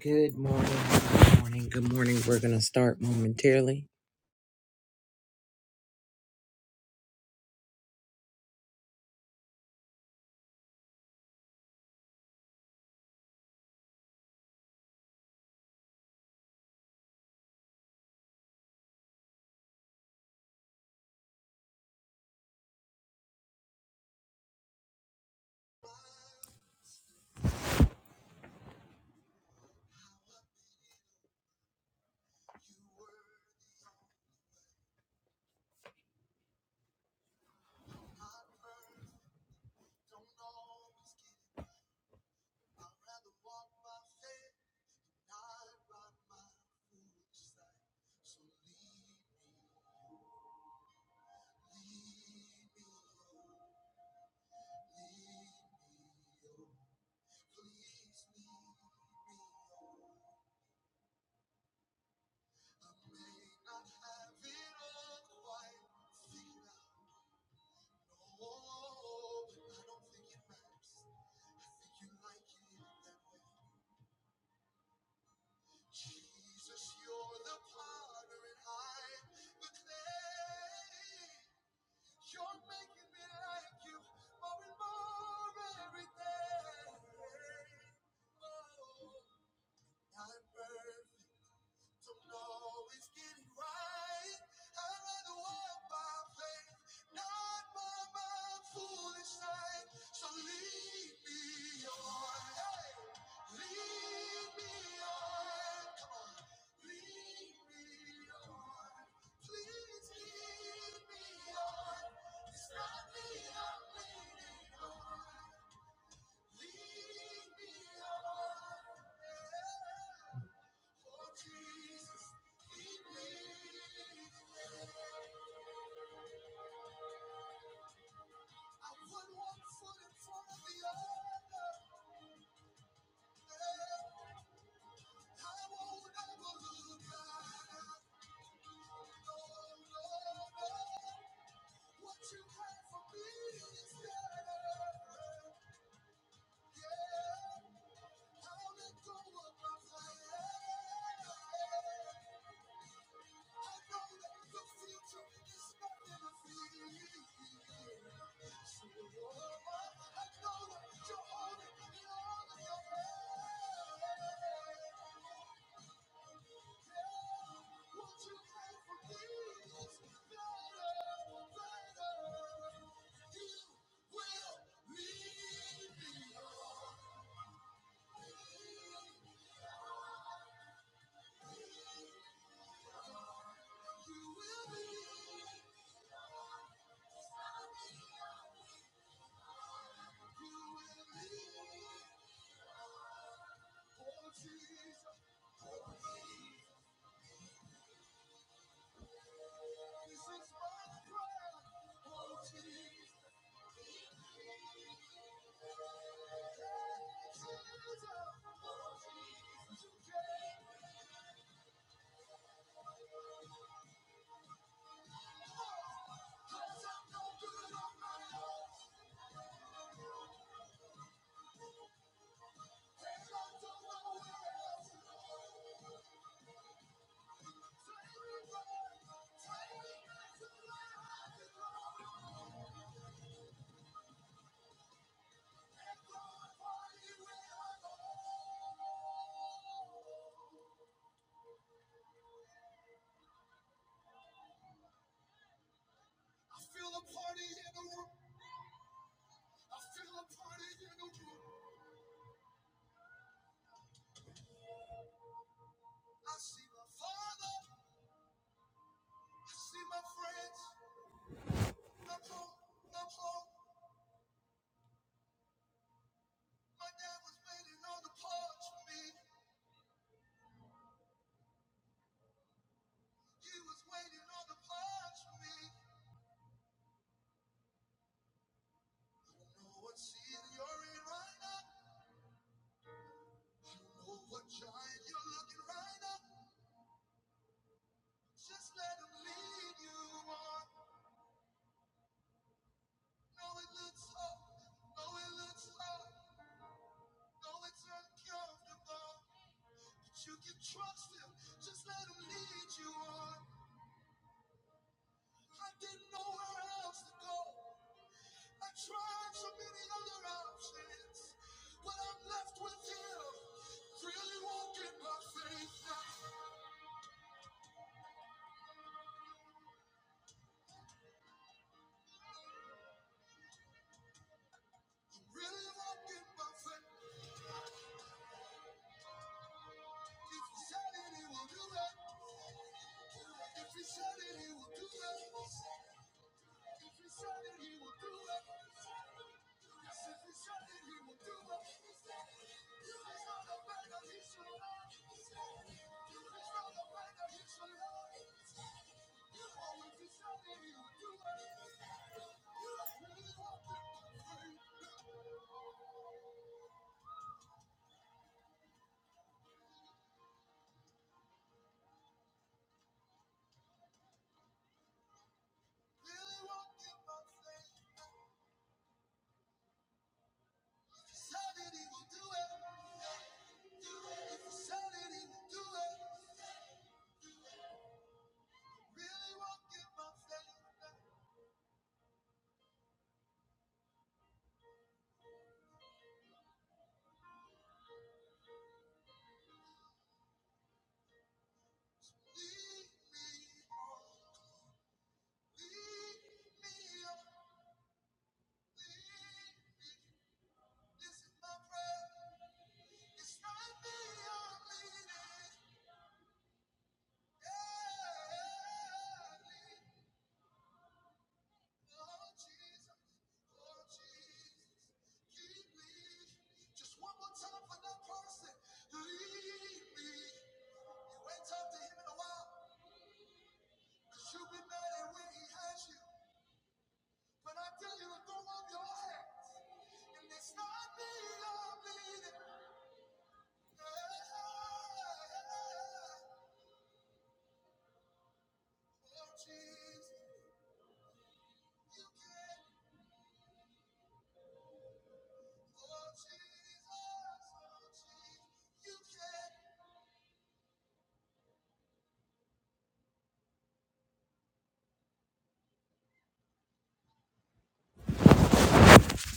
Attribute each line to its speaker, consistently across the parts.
Speaker 1: Good morning, good morning, good morning. We're going to start momentarily.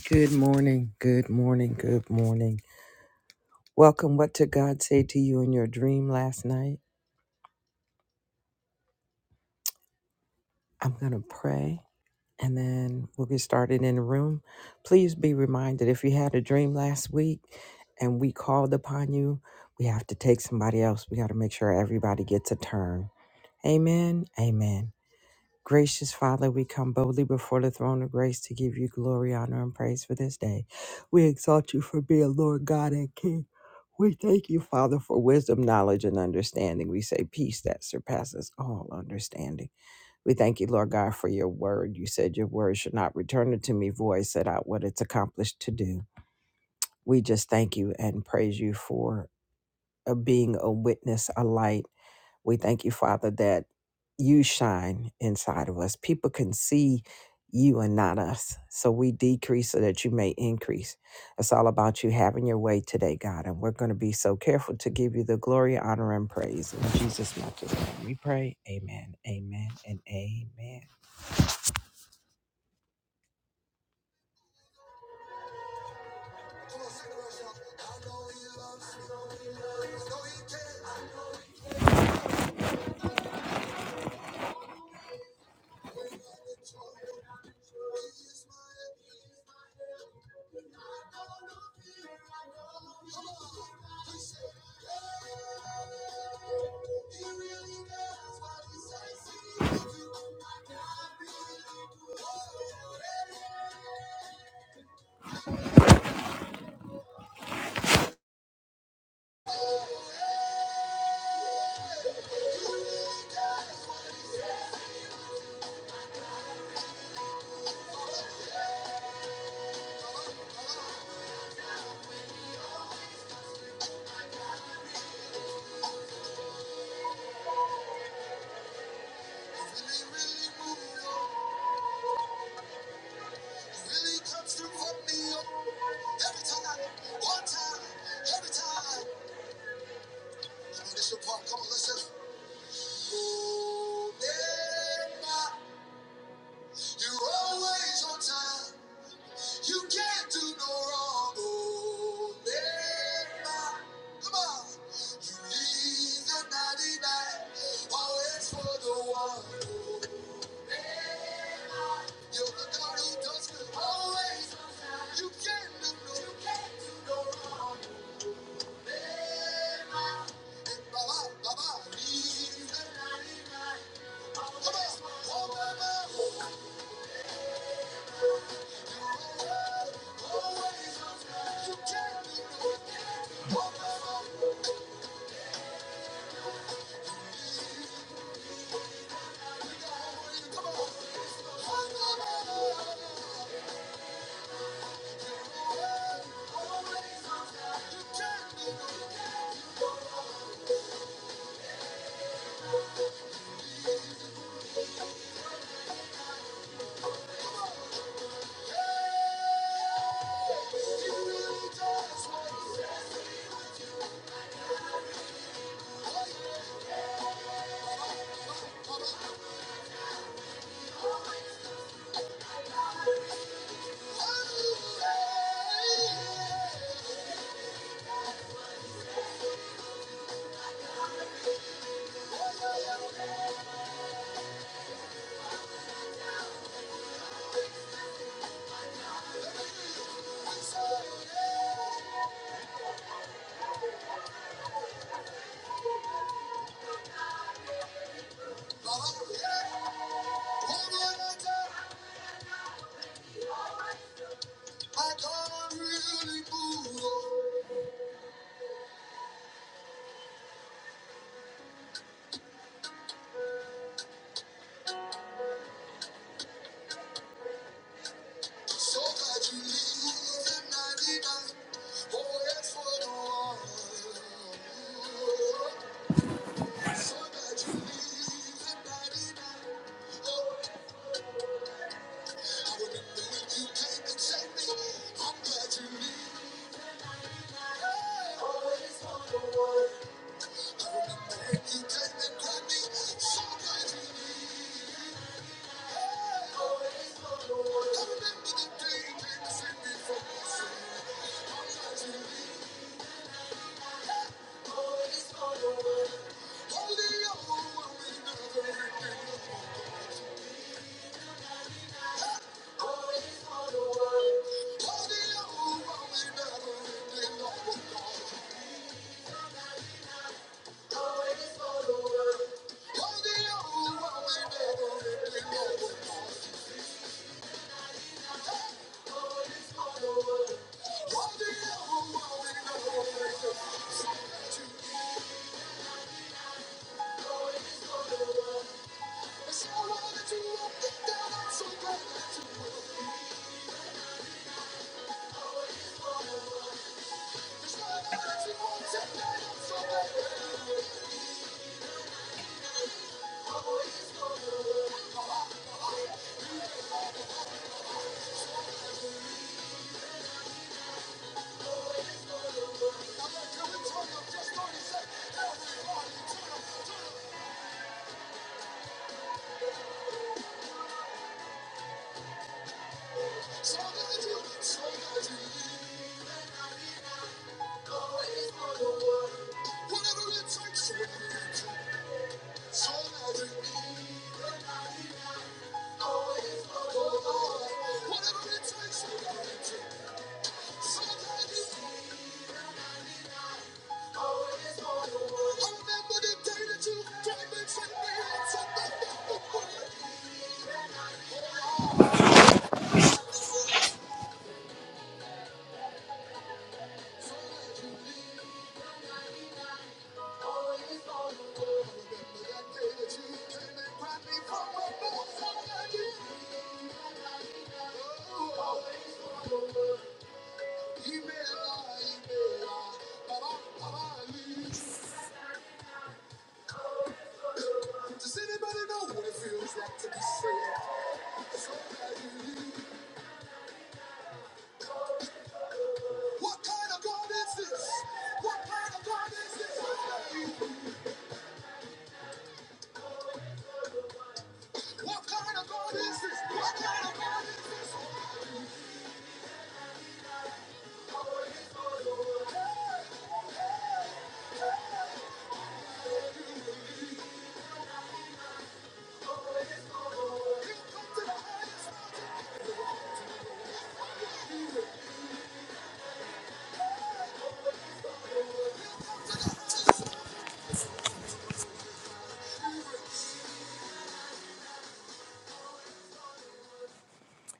Speaker 1: Good morning, good morning, good morning. Welcome. What did God say to you in your dream last night? I'm going to pray and then we'll get started in the room. Please be reminded if you had a dream last week and we called upon you, we have to take somebody else. We got to make sure everybody gets a turn. Amen, amen. Gracious Father, we come boldly before the throne of grace to give you glory, honor, and praise for this day. We exalt you for being Lord God and King. We thank you, Father, for wisdom, knowledge, and understanding. We say peace that surpasses all understanding. We thank you, Lord God, for your word. You said your word should not return unto me void, set out what it's accomplished to do. We just thank you and praise you for uh, being a witness, a light we thank you, Father, that you shine inside of us. People can see you and not us. So we decrease so that you may increase. It's all about you having your way today, God. And we're going to be so careful to give you the glory, honor, and praise. In Jesus' matchless name we pray. Amen, amen, and amen.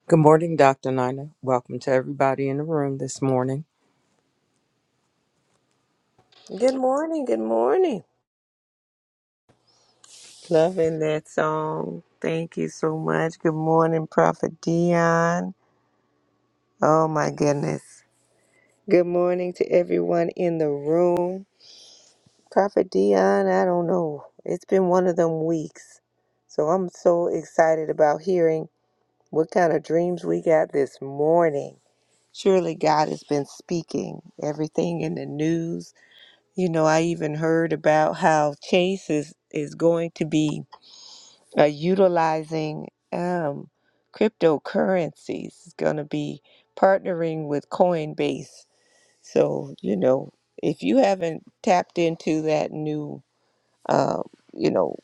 Speaker 1: Good morning, Dr. Nina. Welcome to everybody in the room this morning.
Speaker 2: Good morning. Good morning. Loving that song. Thank you so much. Good morning, Prophet Dion. Oh my goodness. Good morning to everyone in the room. Prophet Dion, I don't know. It's been one of them weeks. So I'm so excited about hearing what kind of dreams we got this morning. Surely God has been speaking. Everything in the news. You know, I even heard about how Chase is, is going to be uh, utilizing um, cryptocurrencies is going to be partnering with Coinbase. So, you know, if you haven't tapped into that new, uh, you know,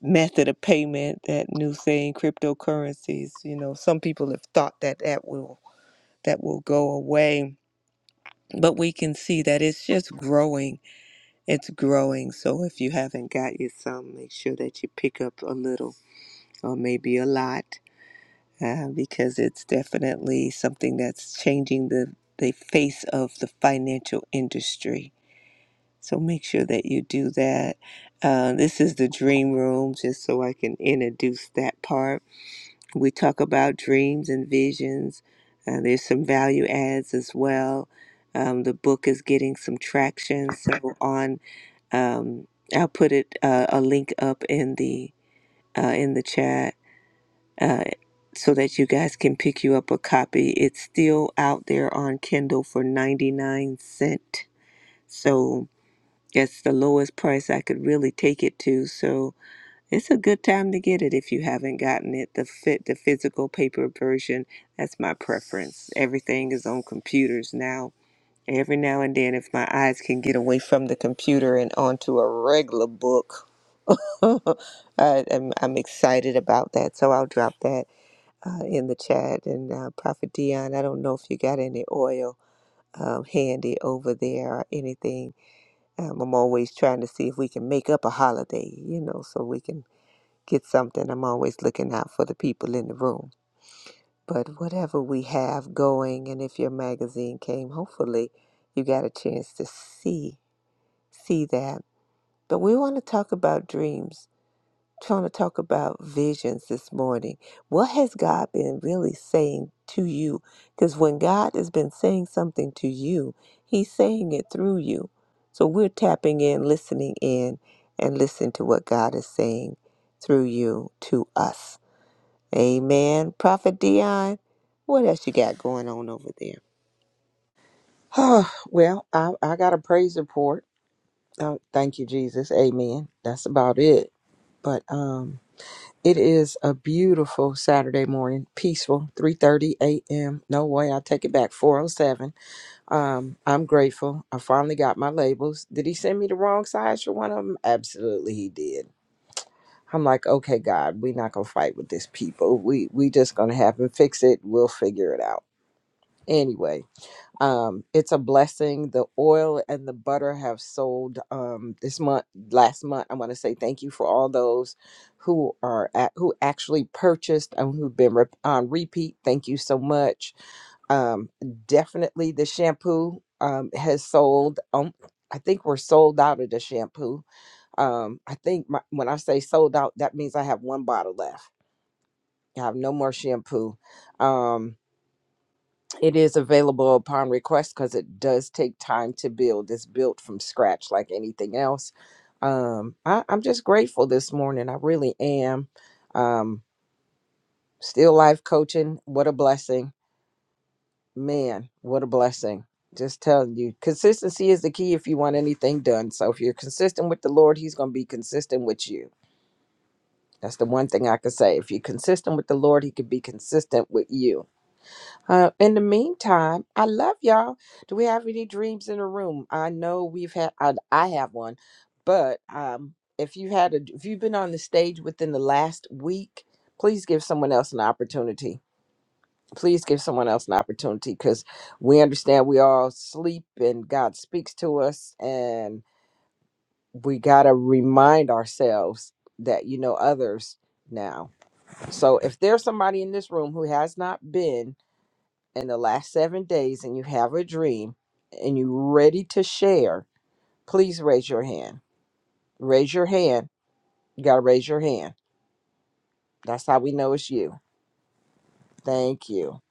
Speaker 2: method of payment, that new thing, cryptocurrencies, you know, some people have thought that that will that will go away, but we can see that it's just growing. It's growing. So if you haven't got you some, make sure that you pick up a little or maybe a lot uh, because it's definitely something that's changing the, the face of the financial industry. So make sure that you do that. Uh, this is the dream room, just so I can introduce that part. We talk about dreams and visions. Uh, there's some value adds as well. Um, the book is getting some traction. So on, um, I'll put it uh, a link up in the uh, in the chat uh, so that you guys can pick you up a copy. It's still out there on Kindle for 99 cent. So it's the lowest price I could really take it to. So it's a good time to get it if you haven't gotten it. The fit the physical paper version, that's my preference. Everything is on computers now. Every now and then if my eyes can get away from the computer and onto a regular book, I, I'm, I'm excited about that. So I'll drop that uh, in the chat. And uh, Prophet Dion, I don't know if you got any oil um, handy over there or anything. Um, I'm always trying to see if we can make up a holiday, you know, so we can get something. I'm always looking out for the people in the room. But whatever we have going, and if your magazine came, hopefully you got a chance to see see that. But we want to talk about dreams trying to talk about visions this morning. What has God been really saying to you? Because when God has been saying something to you, He's saying it through you. So we're tapping in, listening in, and listen to what God is saying through you to us. Amen. Prophet Dion, what else you got going on over there?
Speaker 1: well, I, I got a praise report. Uh, thank you, Jesus. Amen. That's about it. But um, It is a beautiful Saturday morning, peaceful, 3:30 a.m. No way, I take it back, 407. Um, I'm grateful. I finally got my labels. Did he send me the wrong size for one of them? Absolutely, he did. I'm like, okay, God, we're not gonna fight with this people. We we just gonna have him fix it. We'll figure it out anyway um it's a blessing the oil and the butter have sold um this month last month i want to say thank you for all those who are at, who actually purchased and who've been rep- on repeat thank you so much um definitely the shampoo um has sold um I think we're sold out of the shampoo. Um, I think my, when I say sold out, that means I have one bottle left. I have no more shampoo. Um, it is available upon request because it does take time to build. It's built from scratch like anything else. Um, I, I'm just grateful this morning. I really am. Um, still life coaching. What a blessing. Man, what a blessing. Just telling you, consistency is the key if you want anything done. So if you're consistent with the Lord, He's going to be consistent with you. That's the one thing I could say. If you're consistent with the Lord, He could be consistent with you Uh, in the meantime, I love y'all. Do we have any dreams in the room? I know we've had. I, I have one, but um, if you had a, if you've been on the stage within the last week, please give someone else an opportunity. Please give someone else an opportunity because we understand we all sleep and God speaks to us, and we gotta remind ourselves that you know others now. So if there's somebody in this room who has not been in the last seven days and you have a dream and you're ready to share, please raise your hand. Raise your hand. You got to raise your hand. That's how we know it's you. Thank you.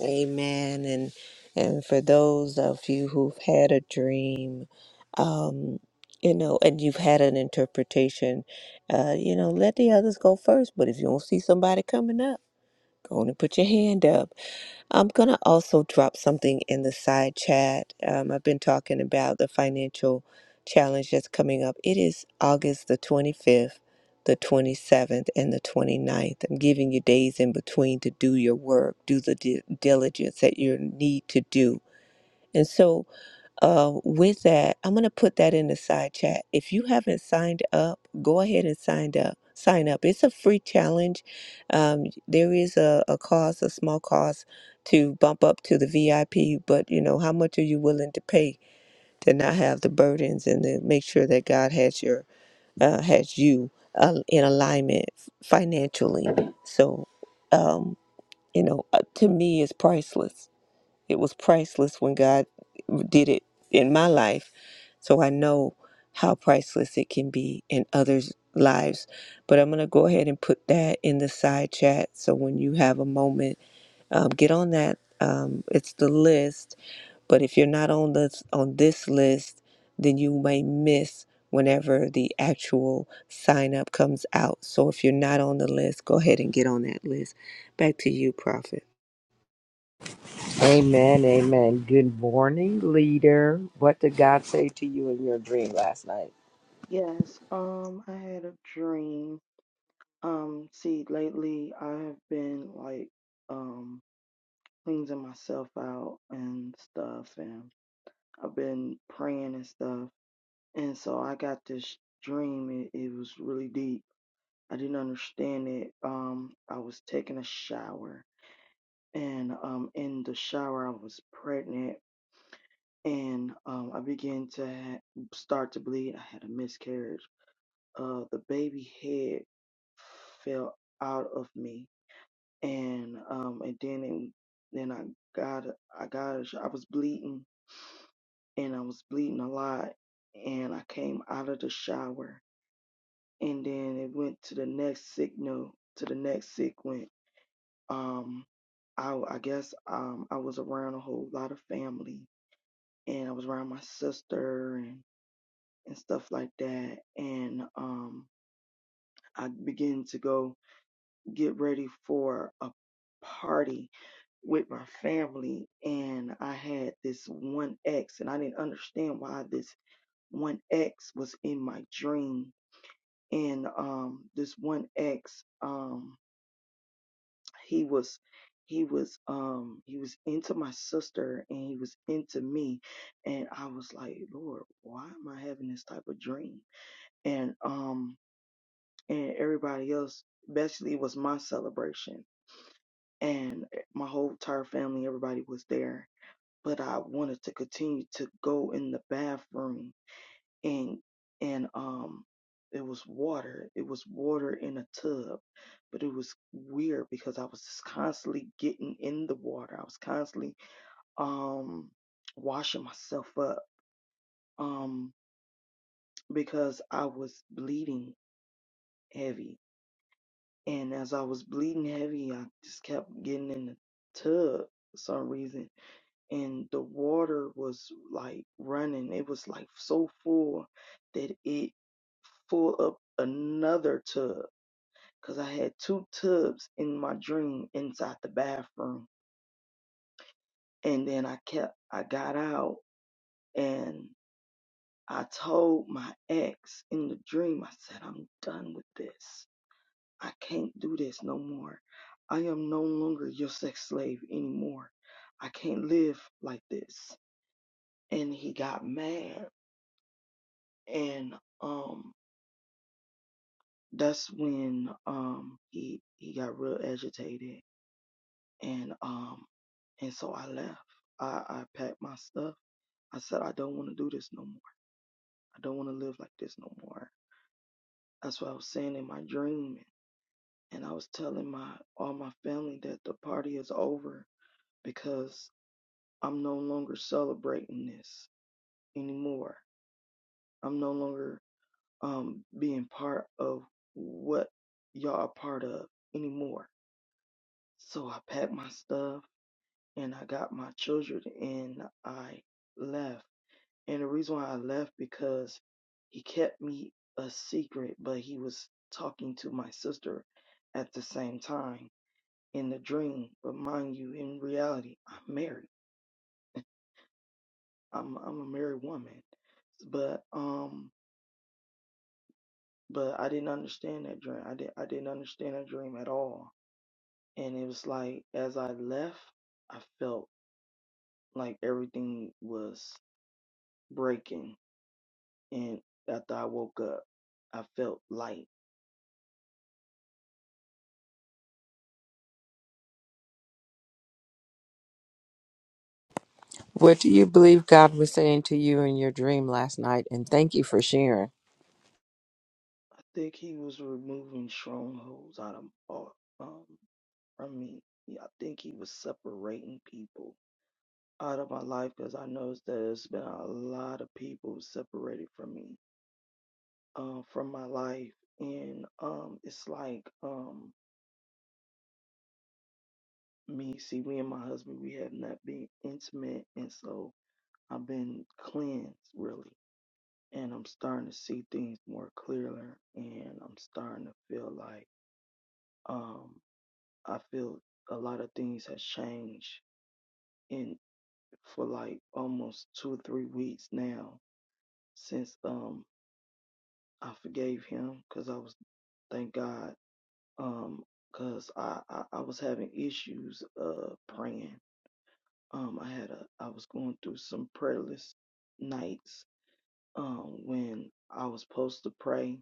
Speaker 2: Amen. And and for those of you who've had a dream, um, you know, and you've had an interpretation, uh, you know, let the others go first. But if you don't see somebody coming up, go on and put your hand up. I'm going to also drop something in the side chat. Um, I've been talking about the financial challenge that's coming up. It is August the 25th, the 27th, and the twenty-ninth. I'm giving you days in between to do your work, do the di- diligence that you need to do. And so, uh, with that, I'm gonna put that in the side chat. If you haven't signed up, go ahead and sign up. Sign up. It's a free challenge. Um, there is a, a cost, a small cost, to bump up to the VIP. But you know, how much are you willing to pay to not have the burdens and to make sure that God has your uh, has you uh, in alignment financially? So, um, you know, uh, to me, it's priceless it was priceless when God did it in my life. So I know how priceless it can be in others' lives. But I'm going to go ahead and put that in the side chat. So when you have a moment, um, get on that. Um, it's the list. But if you're not on this on this list, then you may miss whenever the actual sign up comes out. So if you're not on the list, go ahead and get on that list. Back to you, Prophet.
Speaker 1: Amen. Amen. Good morning, leader. What did God say to you in your dream last night?
Speaker 3: Yes, um, I had a dream. Um, see, lately I have been like um cleansing myself out and stuff, and I've been praying and stuff. And so I got this dream. It, it was really deep. I didn't understand it. Um, I was taking a shower, and um, in the shower I was pregnant, and um, I began to ha- start to bleed. I had a miscarriage uh, the baby head fell out of me, and um, and then it, then I got a- I got a sh- I was bleeding, and I was bleeding a lot, and I came out of the shower, and then it went to the next signal to the next sequence. Um, I w- I guess um I was around a whole lot of family, and I was around my sister and and stuff like that, and um I began to go. get ready for a party with my family and I had this one ex and I didn't understand why this one ex was in my dream and um this one ex um he was he was um he was into my sister and he was into me and I was like lord why am I having this type of dream and um and everybody else basically it was my celebration and eh, my whole entire family, everybody was there. But I wanted to continue to go in the bathroom and and um it was water. It was water in a tub. But it was weird because I was just constantly getting in the water. I was constantly um washing myself up um because I was bleeding heavy. And as I was bleeding heavy, I just kept getting in the tub for some reason and the water was like running. It was like so full that it full up another tub because I had two tubs in my dream inside the bathroom. And then I kept, I got out and I told my ex in the dream, I said, I'm done with this. I can't do this no more. I am no longer your sex slave anymore. I can't live like this. And he got mad and um that's when um he he got real agitated and um and so I left. I, I packed my stuff. I said I don't want to do this no more. I don't want to live like this no more. That's what I was saying in my dream and I was telling my all my family that the party is over because I'm no longer celebrating this anymore. I'm no longer um being part of what y'all are part of anymore So I packed my stuff and I got my children and I left. And the reason why I left because he kept me a secret, but he was talking to my sister at the same time in the dream. But mind you, in reality, I'm married. I'm I'm a married woman. But um but I didn't understand that dream. I did I didn't understand that dream at all. And it was like as I left, I felt like everything was breaking and after I woke up I felt light.
Speaker 1: What do you believe God was saying to you in your dream last night? And thank you for sharing.
Speaker 3: I think he was removing strongholds out of all um from me. Yeah, I think he was separating people out of my life because I noticed that there's been a lot of people separated from me, um, from my life. And um it's like um me, see me and my husband we have not been intimate and so I've been cleansed really and I'm starting to see things more clearly, and I'm starting to feel like um I feel a lot of things has changed in for like almost two or three weeks now since um I forgave him because I was thank God um because I, I I was having issues uh praying um I had a I was going through some prayerless nights um when I was supposed to pray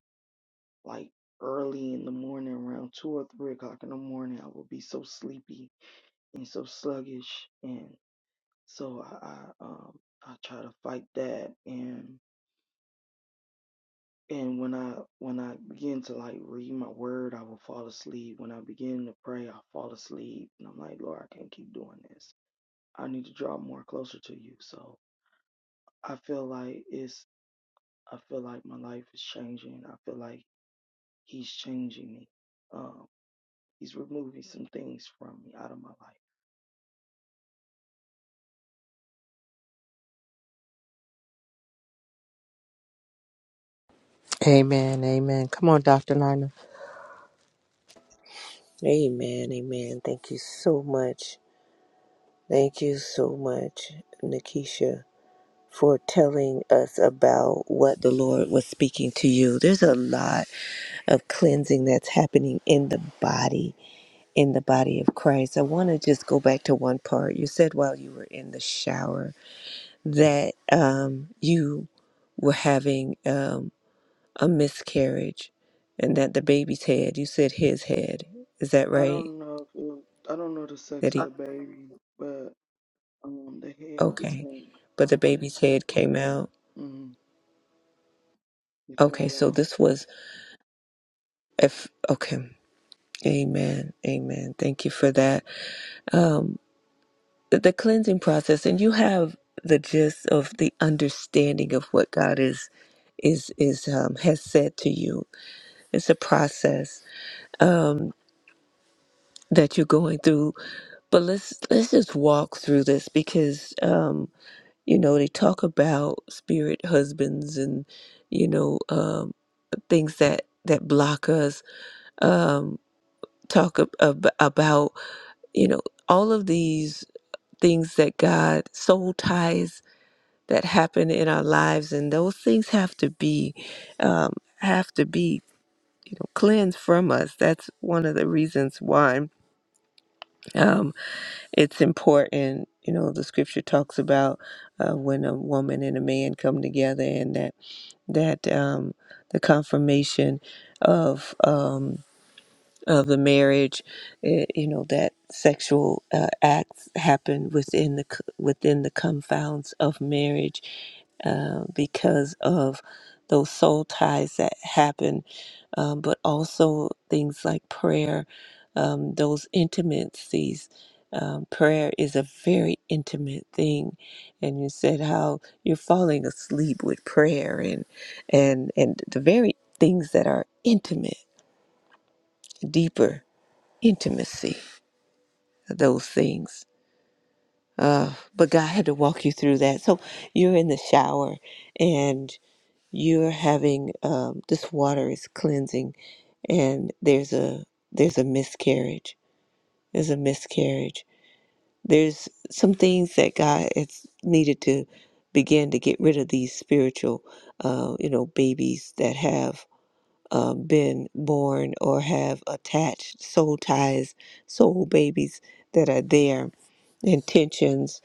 Speaker 3: like early in the morning around two or three o'clock in the morning i would be so sleepy and so sluggish and so i, I um i try to fight that and and when i when i begin to like read my word i will fall asleep when i begin to pray i fall asleep and i'm like lord i can't keep doing this i need to draw more closer to you so i feel like it's i feel like my life is changing i feel like he's changing me Um, He's removing some things from me out of my life.
Speaker 1: Amen. Amen. Come on, Dr. Nina.
Speaker 2: Amen. Amen. Thank you so much. Thank you so much, Nikisha, for telling us about what the Lord was speaking to you. There's a lot of cleansing that's happening in the body, in the body of Christ. I want to just go back to one part. You said while you were in the shower that um, you were having um, a miscarriage and that the baby's head, you said his head. Is that
Speaker 3: I
Speaker 2: right?
Speaker 3: don't know if it was, I don't know the
Speaker 2: That
Speaker 3: sex
Speaker 2: he
Speaker 3: of the baby, but um the head just
Speaker 2: Okay.
Speaker 3: came
Speaker 2: But the baby's head came out.
Speaker 3: mm, it
Speaker 2: Okay,
Speaker 3: fell
Speaker 2: so
Speaker 3: off.
Speaker 2: this was if okay. Amen. Amen. Thank you for that. Um the the cleansing process and you have the gist of the understanding of what God is is is um has said to you. It's a process um that you're going through. But let's let's just walk through this because um you know they talk about spirit husbands and you know um things that that block us um, talk ab- ab- about you know all of these things that God soul ties that happen in our lives, and those things have to be um, have to be cleansed from us. That's one of the reasons why um, it's important. You know, the scripture talks about uh, when a woman and a man come together, and that that um, the confirmation of um, of the marriage eh, you know that sexual uh, acts happen within the c- within the confounds of marriage uh, because of those soul ties that happen um, but also things like prayer um, those intimacies um, prayer is a very intimate thing and you said how you're falling asleep with prayer and and and the very things that are intimate deeper intimacy, those things. Uh, but God had to walk you through that. So you're in the shower and you're having um, this water is cleansing, and there's a there's a miscarriage. There's a miscarriage. There's some things that God has needed to begin to get rid of these spiritual, uh, you know, babies that have uh, been born or have attached soul ties, soul babies that are there intentions.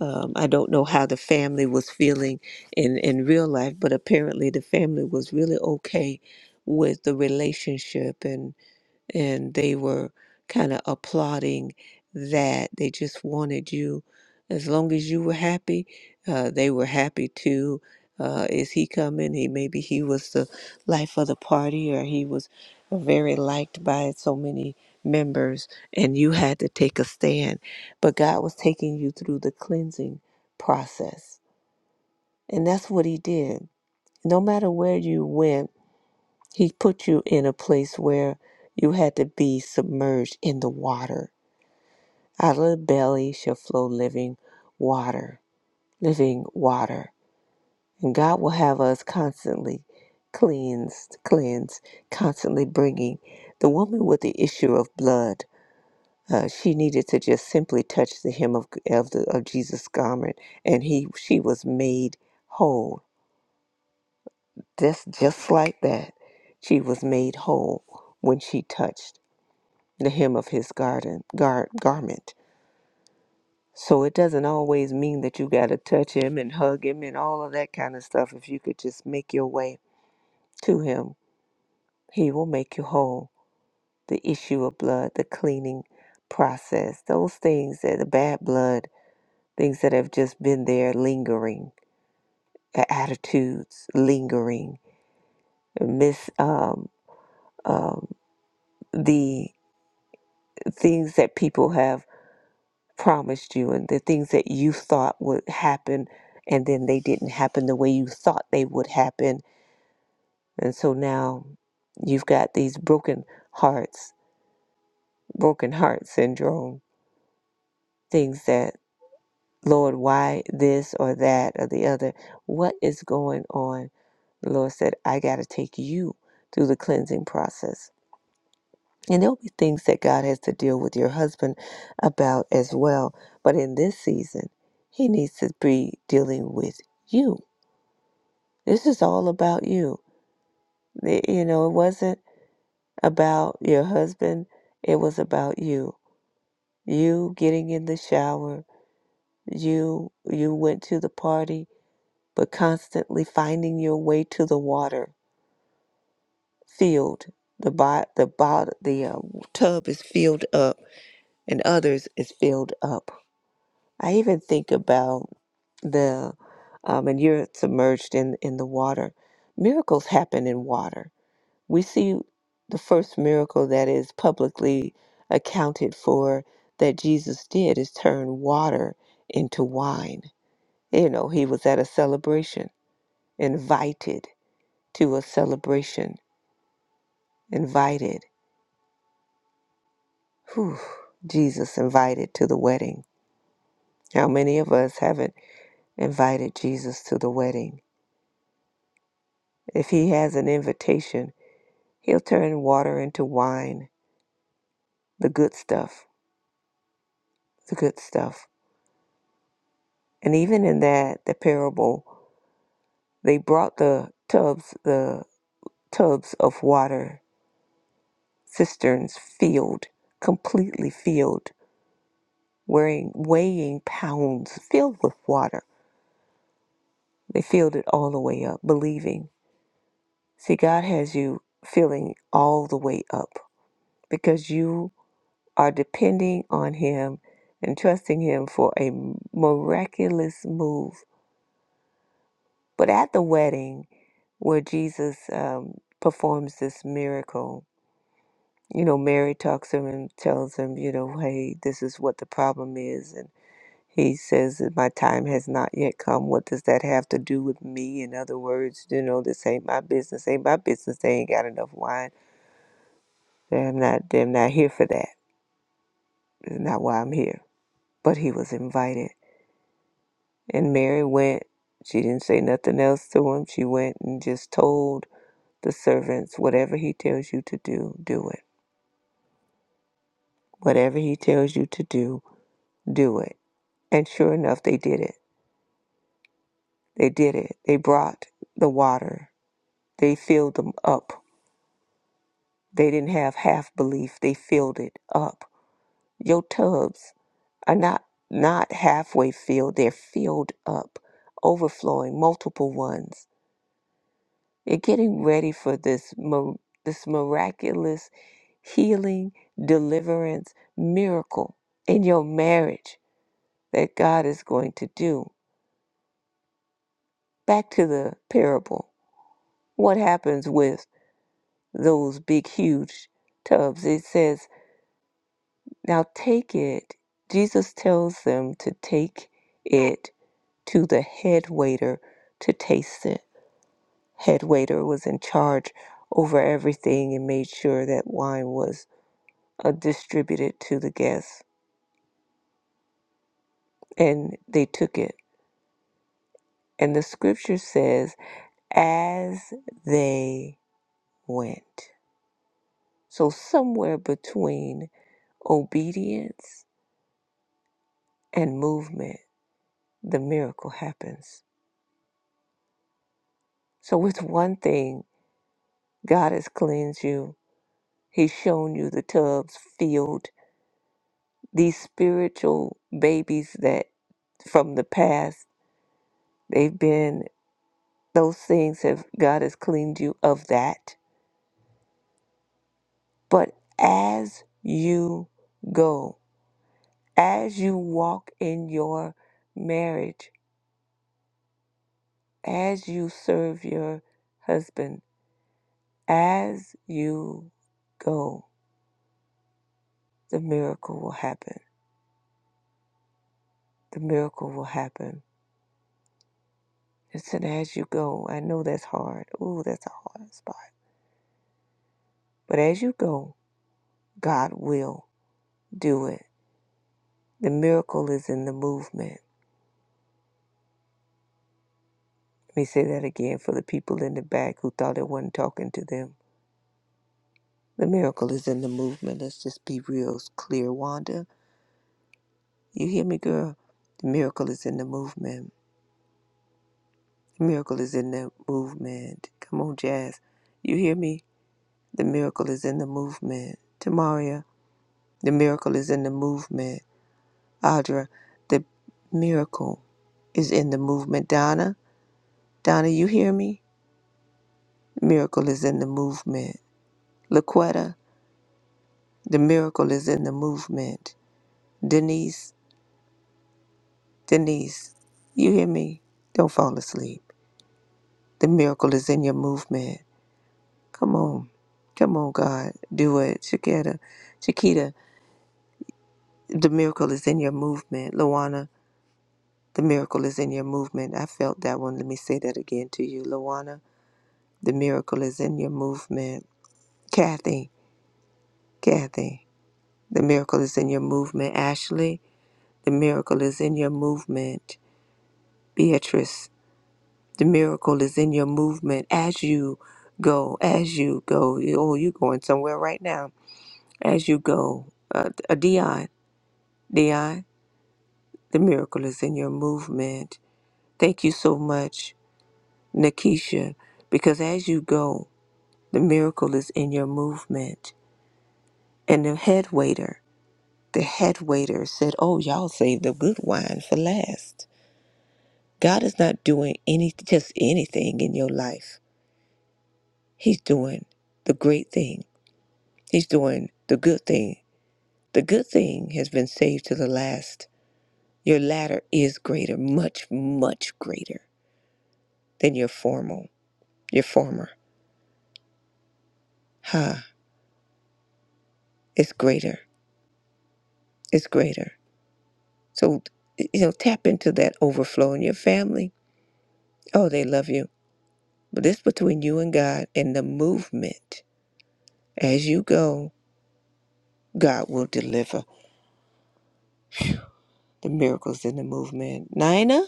Speaker 2: Um, I don't know how the family was feeling in, in real life, but apparently the family was really okay with the relationship and they were kind of applauding that. They just wanted you, as long as you were happy, uh, they were happy too. Uh, is he coming? He maybe he was the life of the party, or he was very liked by so many members, and you had to take a stand. But God was taking you through the cleansing process, and that's what He did. No matter where you went, he put you in a place where you had to be submerged in the water. Out of the belly shall flow living water, living water. And God will have us constantly cleansed, cleansed, constantly bringing the woman with the issue of blood. Uh, she needed to just simply touch the hem of of, the, of Jesus' garment, and he she was made whole. Just just like that, she was made whole when she touched. the hem of his garden gar- garment. So it doesn't always mean that you got to touch him and hug him and all of that kind of stuff. If you could just make your way to him, he will make you whole. The issue of blood, the cleaning process, those things that the bad blood, things that have just been there lingering, a- attitudes lingering, miss um, um, the things that people have. promised you and the things that you thought would happen and then they didn't happen the way you thought they would happen and so now you've got these broken hearts broken heart syndrome things that lord why this or that or the other what is going on the lord said i got to take you through the cleansing process and there'll be things that god has to deal with your husband about as well but in this season he needs to be dealing with you This is all about you. It- you know, it wasn't about your husband, it was about you. You getting in the shower, you you went to the party, but constantly finding your way to the water filled. The bo- the bot the uh, tub is filled up, and others is filled up. I even think about the um, and you're submerged in in the water. Miracles happen in water we see the first miracle that is publicly accounted for that Jesus did is turn water into wine. You know, he was at a celebration, invited to a celebration, invited. Whew, Jesus invited to the wedding. How many of us haven't invited Jesus to the wedding? If he has an invitation, he'll turn water into wine, the good stuff, the good stuff. And even in that, the parable They brought the tubs, the tubs of water, cisterns filled, completely filled, wearing, weighing pounds filled with water. They filled it all the way up, believing. See, God has you filling all the way up because you are depending on Him and trusting Him for a miraculous move. But at the wedding, where Jesus um, performs this miracle, you know, Mary talks to him and tells him, you know, hey, this is what the problem is. And he says that my time has not yet come. What does that have to do with me? In other words, you know, this ain't my business. Ain't my business. They ain't got enough wine. They're not, they're not here for that. It's not why I'm here. But he was invited. And Mary went. She didn't say nothing else to him. She went and just told the servants, whatever he tells you to do, do it. Whatever he tells you to do, do it. And sure enough, they did it They did it. They brought the water. They filled them up. They didn't have half belief. They filled it up. Your tubs are not not halfway filled. They're filled up, overflowing, multiple ones. You're getting ready for this mi- this miraculous healing, deliverance, miracle in your marriage that God is going to do. Back to the parable. What happens with those big, huge tubs. It says, Now take it. Jesus tells them to take it to the head waiter to taste it. Head waiter was in charge over everything and made sure that wine was uh, distributed to the guests. And they took it. And the scripture says, As they went. So, somewhere between obedience and movement, the miracle happens. So it's one thing God has cleansed you. He's shown you the tubs filled. These spiritual babies that from the past, they've been those things have God has cleaned you of that. But as you go, as you walk in your marriage, as you serve your husband, as you go, the miracle will happen. The miracle will happen Just and as you go, I know that's hard. Ooh, that's a hard spot. But as you go, God will do it. The miracle is in the movement. Let me say that again for the people in the back who thought it wasn't talking to them. The miracle is in the movement. Let's just be real clear, Wanda. You hear me, girl? The miracle is in the movement. The miracle is in the movement. Come on, Jazz. You hear me? The miracle is in the movement. Tamaria, the miracle is in the movement. Audra, the miracle is in the movement. Donna, Donna, you hear me? Miracle is in the movement. Laquetta, the miracle is in the movement. Denise, Denise, you hear me? Don't fall asleep. The miracle is in your movement. Come on. Come on, God. Do it. Chiquita, Chiquita, the miracle is in your movement. Luana, the miracle is in your movement. I felt that one. Let me say that again to you. Luana, the miracle is in your movement. Kathy, Kathy, the miracle is in your movement. Ashley, the miracle is in your movement. Beatrice, the miracle is in your movement as you go, as you go. Oh, you're going somewhere right now. As you go. Uh, uh, Dion, Dion, the miracle is in your movement. Thank you so much, Nakisha, because as you go, the miracle is in your movement. And the head waiter, The head waiter said, Oh, y'all saved the good wine for last. God is not doing any just anything in your life. He's doing the great thing. He's doing the good thing. The good thing has been saved to the last. Your latter is greater, much, much greater than your formal, your former. Ha, it's greater. It's greater. So you know, tap into that overflow in your family. Oh, they love you. But this between you and God and the movement. As you go, God will deliver the miracles in the movement. Nina,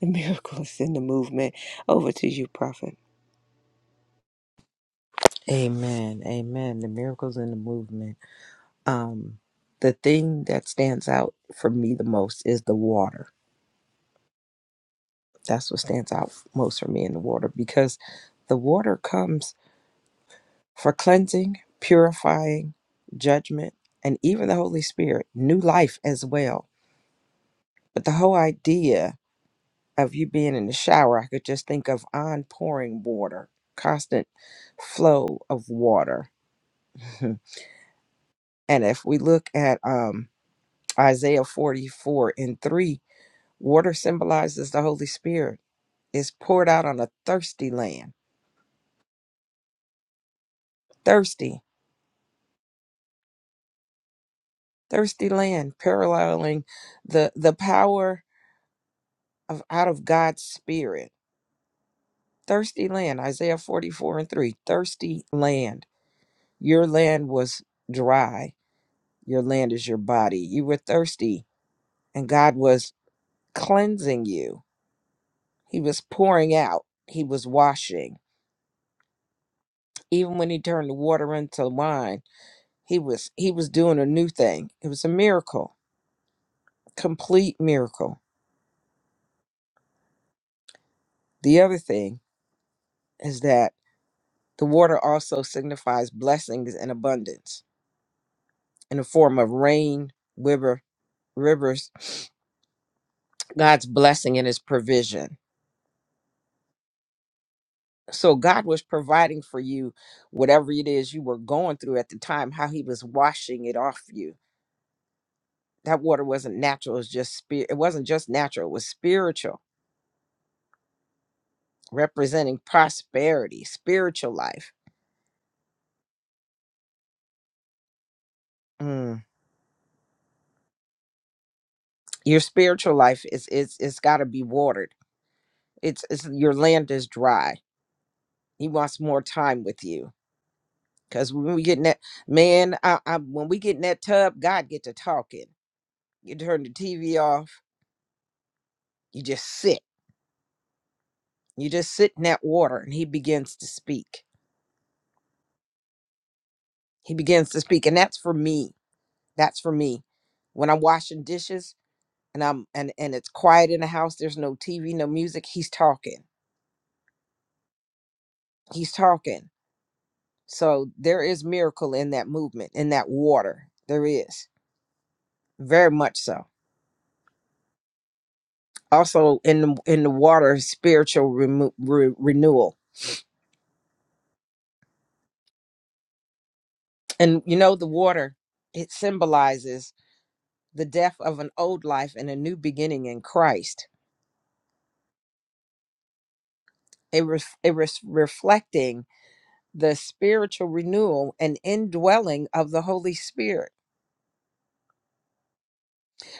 Speaker 2: the miracles in the movement. Over to you, Prophet.
Speaker 1: Amen. Amen. The miracles in the movement. Um, the thing that stands out for me the most is the water. That's what stands out most for me in the water because the water comes for cleansing, purifying, judgment, and even the Holy Spirit, new life as well. But the whole idea of you being in the shower, I could just think of on pouring water, constant flow of water. and if we look at um, Isaiah 44 and 3, Water symbolizes the Holy Spirit, is poured out on a thirsty land. Thirsty, thirsty land, paralleling the the power of out of God's spirit. Thirsty land, Isaiah 44 and 3. Thirsty land. Your land was dry. Your land is your body. You were thirsty, and God was cleansing you. He was pouring out. He was washing. Even when he turned the water into wine, he was he was doing a new thing. It was a miracle complete miracle. The other thing is that the water also signifies blessings and abundance in the form of rain, river, rivers, God's blessing and his provision. So God was providing for you whatever it is you were going through at the time, how he was washing it off you. That water wasn't natural, it was just spirit. It wasn't just natural, it was spiritual, representing prosperity, spiritual life. Mm. Your spiritual life is it's it's gotta be watered it's, it's your land is dry. He wants more time with you. Cause when we get in that man, I, I when we get in that tub, God get to talking. You turn the TV off. You just sit. You just sit in that water, and He begins to speak. He begins to speak, and that's for me. That's for me. When I'm washing dishes and I'm and and it's quiet in the house, there's no TV, no music. He's talking. He's talking. So there is miracle in that movement, in that water. There is very much so also in the, in the water spiritual remo- re- renewal and you know the water it symbolizes the death of an old life and a new beginning in christ it was it was reflecting the spiritual renewal and indwelling of the holy spirit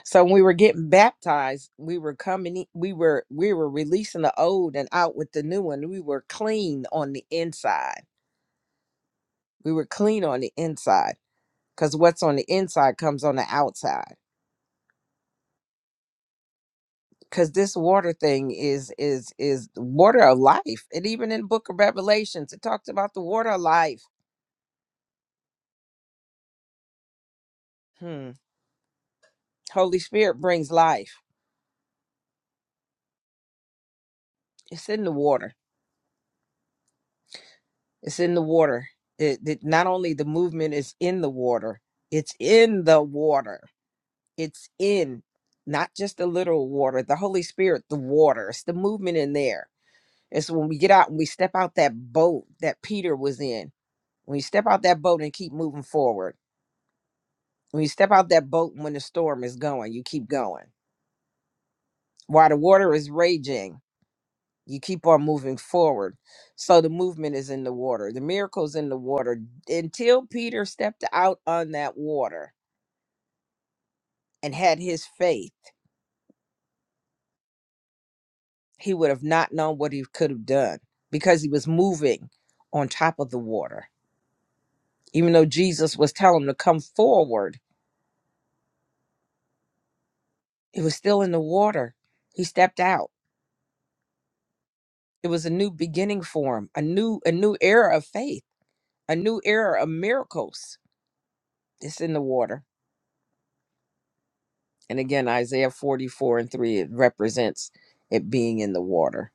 Speaker 1: so when we were getting baptized we were coming in- we were we were releasing the old and out with the new one we were clean on the inside we were clean on the inside because what's on the inside comes on the outside because this water thing is is is water of life and even in the book of revelations it talks about the water of life hmm. holy spirit brings life it's in the water it's in the water it, it not only the movement is in the water it's in the water it's in not just the literal water the holy spirit the water it's the movement in there it's when we get out and we step out that boat that peter was in when you step out that boat and keep moving forward When you step out that boat when the storm is going, you keep going. While the water is raging, you keep on moving forward. So the movement is in the water. The miracle's in the water. Until Peter stepped out on that water and had his faith, he would have not known what he could have done because he was moving on top of the water. Even though Jesus was telling him to come forward, it was still in the water. He stepped out. It was a new beginning for him, a new a new era of faith a new era of miracles is in the water. And again, Isaiah 44 and 3, it represents it being in the water.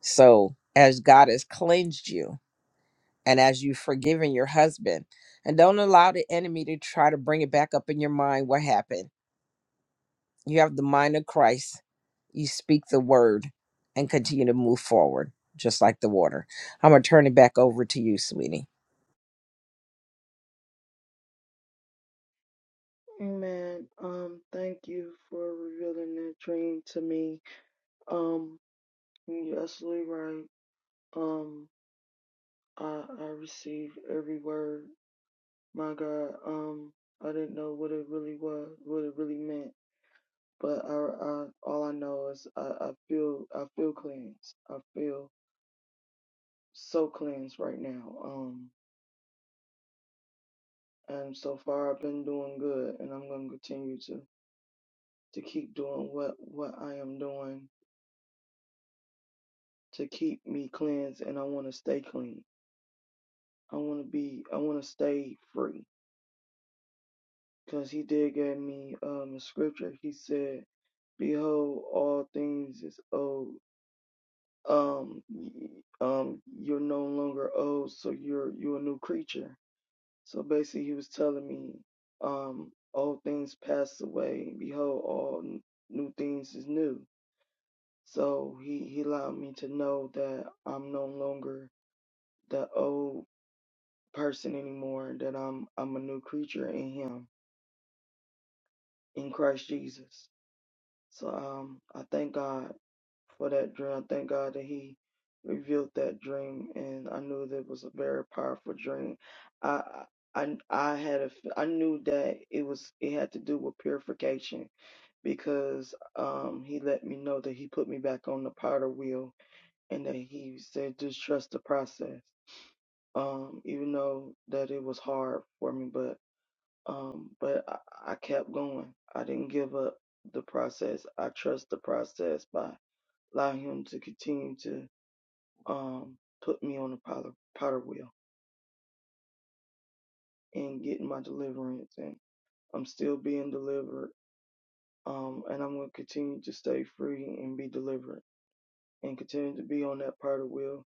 Speaker 1: So, as God has cleansed you and as you've forgiven your husband, and don't allow the enemy to try to bring it back up in your mind what happened. You have the mind of Christ, you speak the word and continue to move forward, just like the water. I'm going to turn it back over to you, sweetie.
Speaker 3: Amen. Um, thank you for revealing that dream to me. Um, you're absolutely right. Um, I I received every word. My God. Um, I didn't know what it really was, what it really meant. But I, I all I know is I, I feel I feel cleansed. I feel so cleansed right now. Um, and so far I've been doing good, and I'm gonna continue to to keep doing what what I am doing to keep me cleansed, and I want to stay clean. I want to be, I want to stay free, cause He did give me um a scripture. He said, "Behold, all things is old." Um, y- um, you're no longer old, so you're you're a new creature So basically, he was telling me, um, old things pass away. and Behold, all n- new things is new. So he, he allowed me to know that I'm no longer the old person anymore, that I'm, I'm a new creature in him, in Christ Jesus. So um, I thank God for that dream. I thank God that He revealed that dream, and I knew that it was a very powerful dream. I I I had a f- I knew that it was it had to do with purification because um He let me know that He put me back on the powder wheel, and that He said just trust the process. Um, even though that it was hard for me, but. Um, but I, I kept going. I didn't give up the process. I trust the process by allowing him to continue to um put me on the potter, potter wheel and getting my deliverance. And I'm still being delivered. Um, and I'm going to continue to stay free and be delivered and continue to be on that potter wheel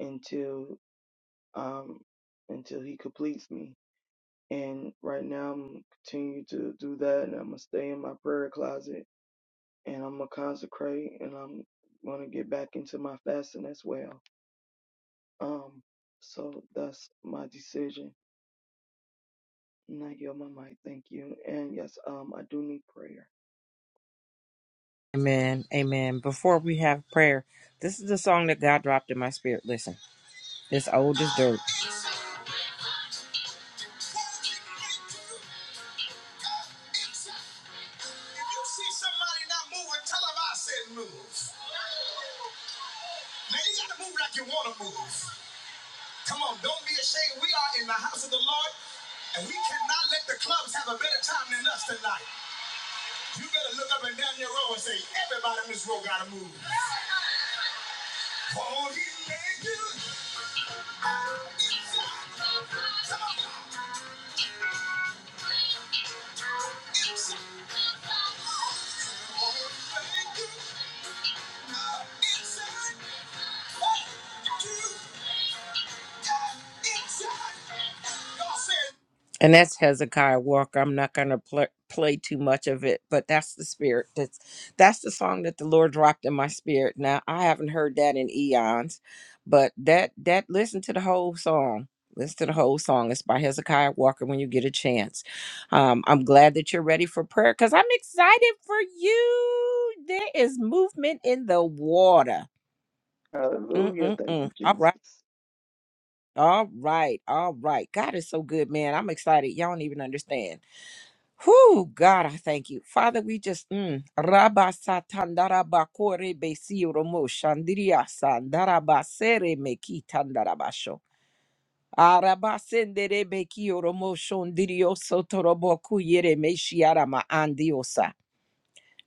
Speaker 3: until um until he completes me. And right now I'm gonna continue to do that, and I'm gonna stay in my prayer closet and I'm gonna consecrate and I'm gonna get back into my fasting as well. Um, so that's my decision. And I yield my mic. Thank you. And yes, um, I do need prayer.
Speaker 1: Amen. Amen. Before we have prayer, this is the song that God dropped in my spirit. Listen. It's old as dirt. If you see somebody not moving, tell them I said move. Now you gotta move like you wanna move. Come on, don't be ashamed. We are in the house of the Lord, and we cannot let the clubs have a better time than us tonight. You better look up and down your row and say, everybody in this row gotta move. and that's Hezekiah Walker. I'm not going to pl- play too much of it, but that's the spirit. That's that's the song that the Lord dropped in my spirit. Now I haven't heard that in eons, but that that listen to the whole song. Listen to the whole song. It's by Hezekiah Walker when you get a chance. Um, I'm glad that you're ready for prayer because I'm excited for you. There is movement in the water.
Speaker 3: Hallelujah. Thank
Speaker 1: Mm-mm-mm.
Speaker 3: you,
Speaker 1: All right.
Speaker 3: Jesus.
Speaker 1: All right. All right. God is so good, man. I'm excited. Y'all don't even understand. Whew, God, I thank you. Father, we just mm, Rabba Satandaraba Kore Besi Romo Shandiria Sandaraba Sere Meki Tandarabasho. Araba Sendere Beki Romo Shondirio Sotorobo Kuyere Meshiarama Andiosa.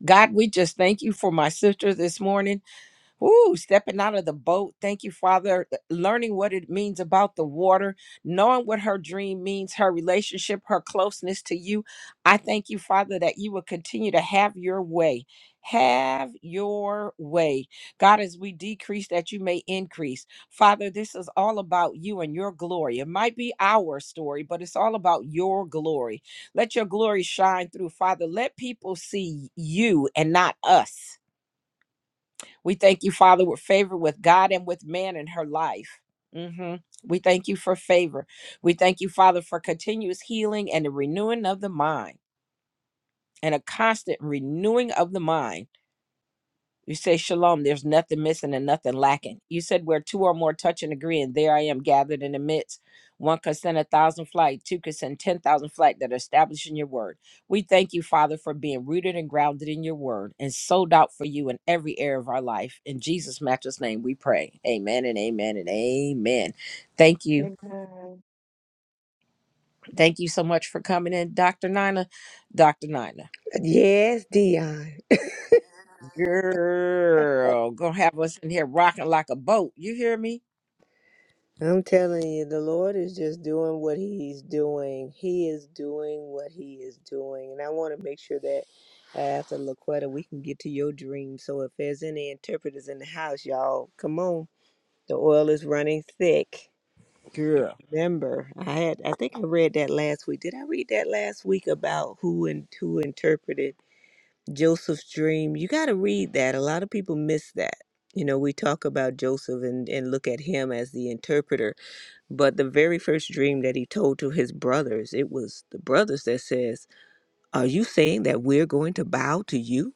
Speaker 1: God, we just thank you for my sister this morning. Ooh, stepping out of the boat. Thank you, Father. Learning what it means about the water, knowing what her dream means, her relationship, her closeness to you. I thank you, Father, that you will continue to have your way. Have your way. God, as we decrease, that you may increase. Father, this is all about you and your glory. It might be our story, but it's all about your glory. Let your glory shine through, Father. Let people see you and not us. We thank you, Father, with favor with God and with man in her life. hmm We thank you for favor. We thank you, Father, for continuous healing and the renewing of the mind and a constant renewing of the mind. You say shalom, there's nothing missing and nothing lacking. You said where two or more touch and agree, and there I am gathered in the midst. One could send a thousand flight, two could send ten thousand flight that are established in your word. We thank you, Father, for being rooted and grounded in your word and sold out for you in every area of our life. In Jesus' matchless name, we pray. Amen and amen and amen. Thank you.
Speaker 3: Amen.
Speaker 1: Thank you so much for coming in, Dr. Nina. Dr. Nina.
Speaker 2: Yes, Dion.
Speaker 1: Girl, gonna have us in here rocking like a boat. You hear me?
Speaker 2: I'm telling you, the Lord is just doing what He's doing. He is doing what He is doing. And I want to make sure that uh, after LaQuetta, we can get to your dream. So if there's any interpreters in the house, y'all, come on. The oil is running thick.
Speaker 1: Girl.
Speaker 2: remember. I had I think I read that last week. Did I read that last week about who and who interpreted Joseph's dream? You got to read that. A lot of people miss that. You know, we talk about Joseph and, and look at him as the interpreter, but the very first dream that he told to his brothers, it was the brothers that says, "Are you saying that we're going to bow to you?"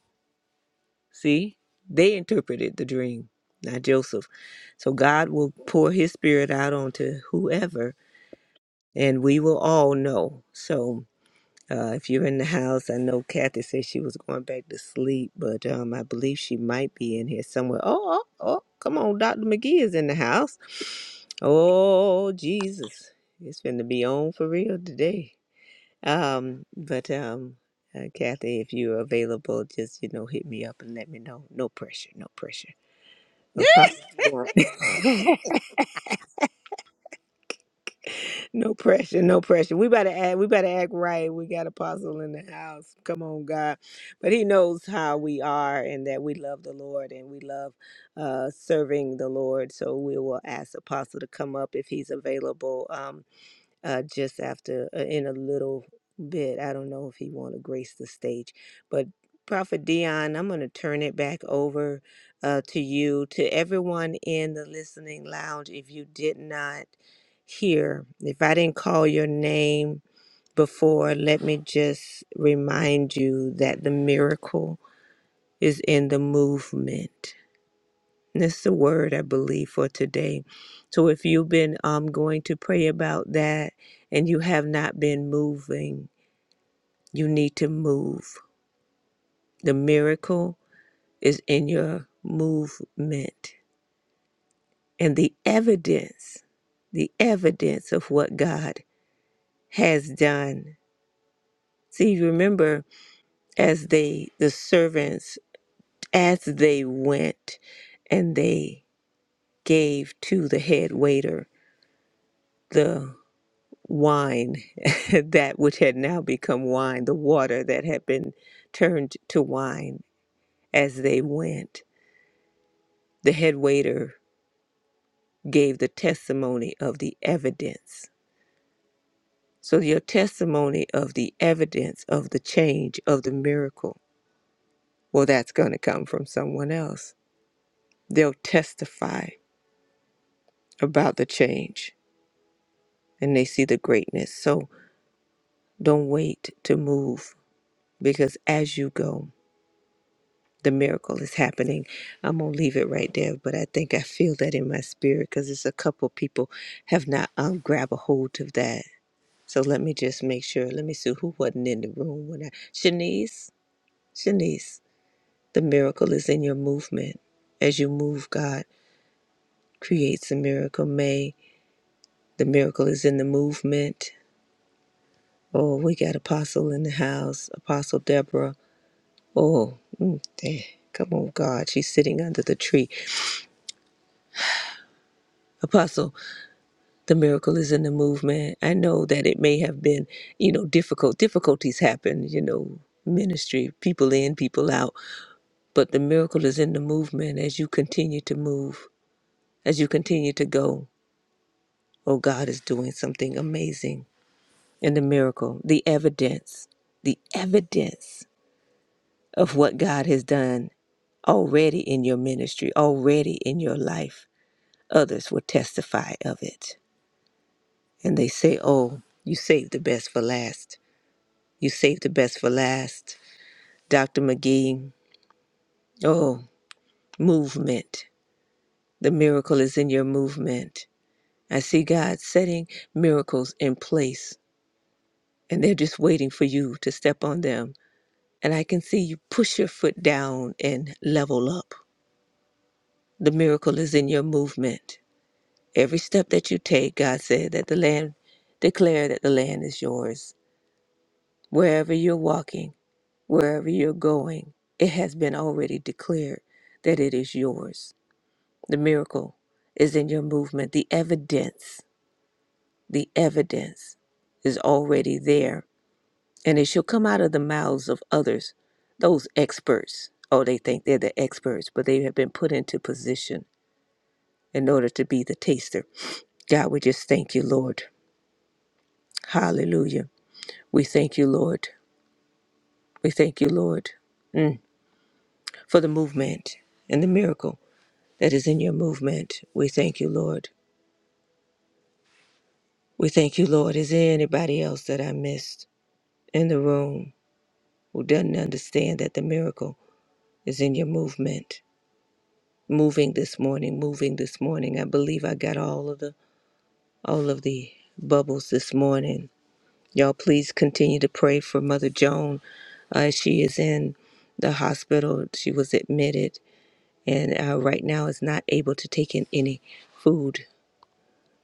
Speaker 2: See? They interpreted the dream, not Joseph. So God will pour his spirit out onto whoever and we will all know. So uh, if you're in the house, I know Kathy said she was going back to sleep, but um, I believe she might be in here somewhere. Oh, oh, oh, come on, Dr. McGee is in the house. Oh, Jesus. It's going to be on for real today. Um, but um, uh, Kathy, if you're available, just, you know, hit me up and let me know. No pressure, no pressure. No problem. No pressure, no pressure. We better act we better act right. We got apostle in the house. Come on, God. But he knows how we are and that we love the Lord and we love uh serving the Lord. So we will ask Apostle to come up if he's available. Um, uh, just after uh, in a little bit. I don't know if he want to grace the stage, but Prophet Dion, I'm going to turn it back over uh, to you, to everyone in the listening lounge. If you did not hear, if I didn't call your name before, let me just remind you that the miracle is in the movement. That's the word I believe for today. So if you've been um, going to pray about that and you have not been moving, you need to move. The miracle is in your movement and the evidence, the evidence of what God has done. See, remember as they, the servants, as they went and they gave to the head waiter the wine, that which had now become wine, the water that had been turned to wine as they went. The head waiter gave the testimony of the evidence. So, your testimony of the evidence of the change of the miracle, well, that's going to come from someone else. They'll testify about the change and they see the greatness. So, don't wait to move because as you go, the miracle is happening. I'm gonna leave it right there, but I think I feel that in my spirit because it's a couple people have not um grabbed a hold of that. So let me just make sure. Let me see who wasn't in the room when I Shanice, Shanice, the miracle is in your movement. As you move, God creates a miracle. May the miracle is in the movement. Oh, we got Apostle in the house, Apostle Deborah. Oh, mm, eh, come on, God. She's sitting under the tree. Apostle the miracle is in the movement. I know that it may have been, you know, difficult. Difficulties happen, you know, ministry, people in, people out. But the miracle is in the movement as you continue to move, as you continue to go. Oh, God is doing something amazing. And the miracle, the evidence, the evidence of what God has done already in your ministry, already in your life. Others will testify of it. And they say, Oh, you saved the best for last You saved the best for last. Dr. McGee, oh, movement. The miracle is in your movement. I see God setting miracles in place, and they're just waiting for you to step on them. And I can see you push your foot down and level up. The miracle is in your movement. Every step that you take, God said that the land, declare that the land is yours. Wherever you're walking, wherever you're going, it has been already declared that it is yours. The miracle is in your movement. The evidence, the evidence is already there. And it shall come out of the mouths of others, those experts. Oh, they think they're the experts, but they have been put into position in order to be the taster. God, we just thank you, Lord. Hallelujah. We thank you, Lord. We thank you, Lord, mm, for the movement and the miracle that is in your movement. We thank you, Lord. We thank you, Lord. Is there anybody else that I missed? in the room who doesn't understand that the miracle is in your movement moving this morning moving this morning i believe i got all of the all of the bubbles this morning y'all please continue to pray for mother joan uh, she is in the hospital she was admitted and uh, right now is not able to take in any food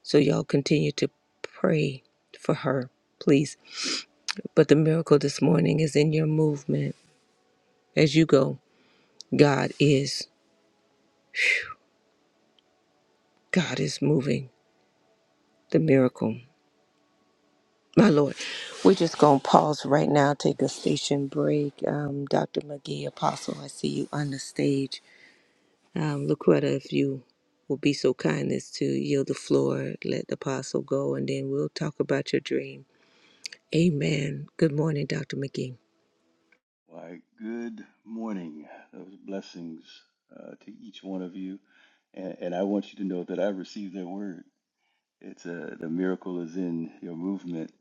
Speaker 2: so y'all continue to pray for her please but the miracle this morning is in your movement as you go god is God is moving the miracle. My Lord, we're just going to pause right now, take a station break. Um, Dr. McGee, Apostle, I see you on the stage. Um, Laquetta, if you will be so kind as to yield the floor, let the Apostle go, and then we'll talk about your dream. Amen. Good morning, Dr. McGee.
Speaker 4: Why, good morning. Those blessings uh, to each one of you. And, and I want you to know that I received that word. It's a, the miracle is in your movement.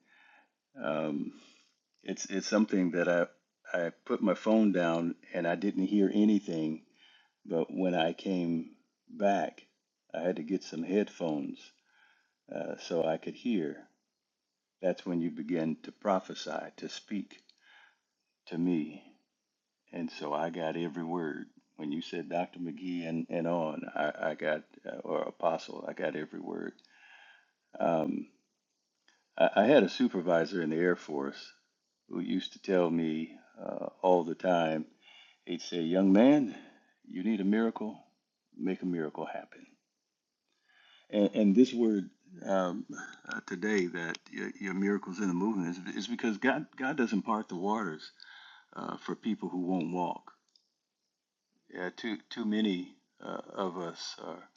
Speaker 4: Um, it's, it's something that I, I put my phone down and I didn't hear anything. But when I came back, I had to get some headphones uh, so I could hear. That's when you begin to prophesy, to speak to me. And so I got every word. When you said Dr. McGee and, and on, I, I got, uh, or Apostle, I got every word. Um, I, I had a supervisor in the Air Force who used to tell me uh, all the time, he'd say, Young man, you need a miracle, make a miracle happen. And, and this word um, uh, today, that your, your miracles in the movement, is, is because God, God doesn't part the waters uh, for people who won't walk. Yeah, too too many uh, of us are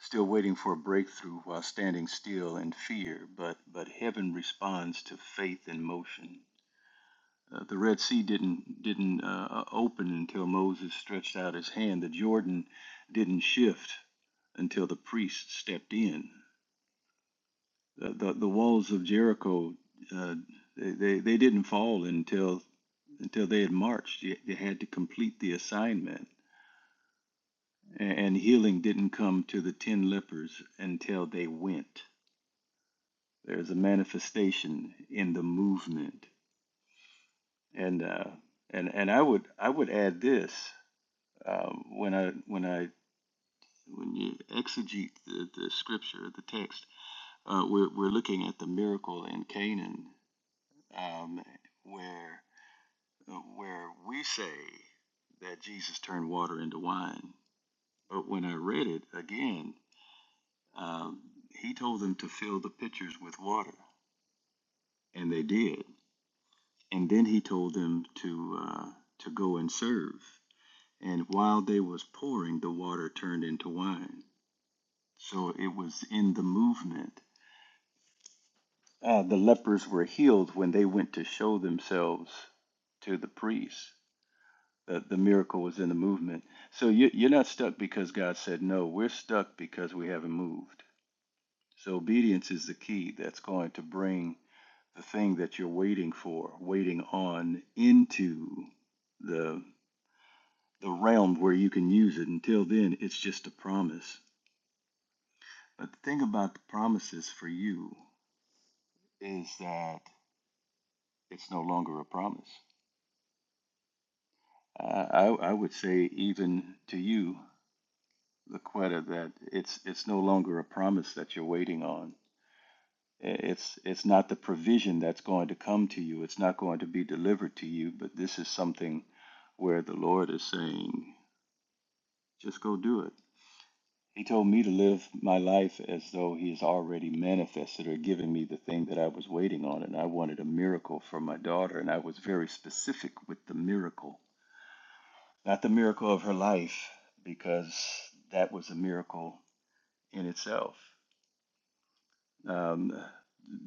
Speaker 4: still waiting for a breakthrough while standing still in fear. But but heaven responds to faith in motion. Uh, the Red Sea didn't didn't uh, uh, open until Moses stretched out his hand. The Jordan didn't shift until the priest stepped in. The the, the walls of Jericho uh, they, they they didn't fall until until they had marched. They they had to complete the assignment And healing didn't come to the 10 lepers until they went. There's a manifestation in the movement. And, uh, and, and I would, I would add this, um, when I, when I, when you exegete the, the scripture, the text, uh, we're, we're looking at the miracle in Canaan, um, where, uh, where we say that Jesus turned water into wine. But when I read it again, Um, he told them to fill the pitchers with water, and they did. And then he told them to uh, to go and serve. And while they was pouring, the water turned into wine. So it was in the movement. Uh, the lepers were healed when they went to show themselves to the priests. The, the miracle was in the movement. So you, you're not stuck because God said no. We're stuck because we haven't moved. So obedience is the key that's going to bring the thing that you're waiting for, waiting on into the the realm where you can use it. Until then, it's just a promise. But the thing about the promises for you is that it's no longer a promise. I, I, I would say even to you, Laquetta, that it's it's no longer a promise that you're waiting on. It's it's not the provision that's going to come to you. It's not going to be delivered to you. But this is something where the Lord is saying, Just go do it. He told me to live my life as though he has already manifested or given me the thing that I was waiting on. And I wanted a miracle for my daughter. And I was very specific with the miracle, not the miracle of her life, because that was a miracle in itself. Um,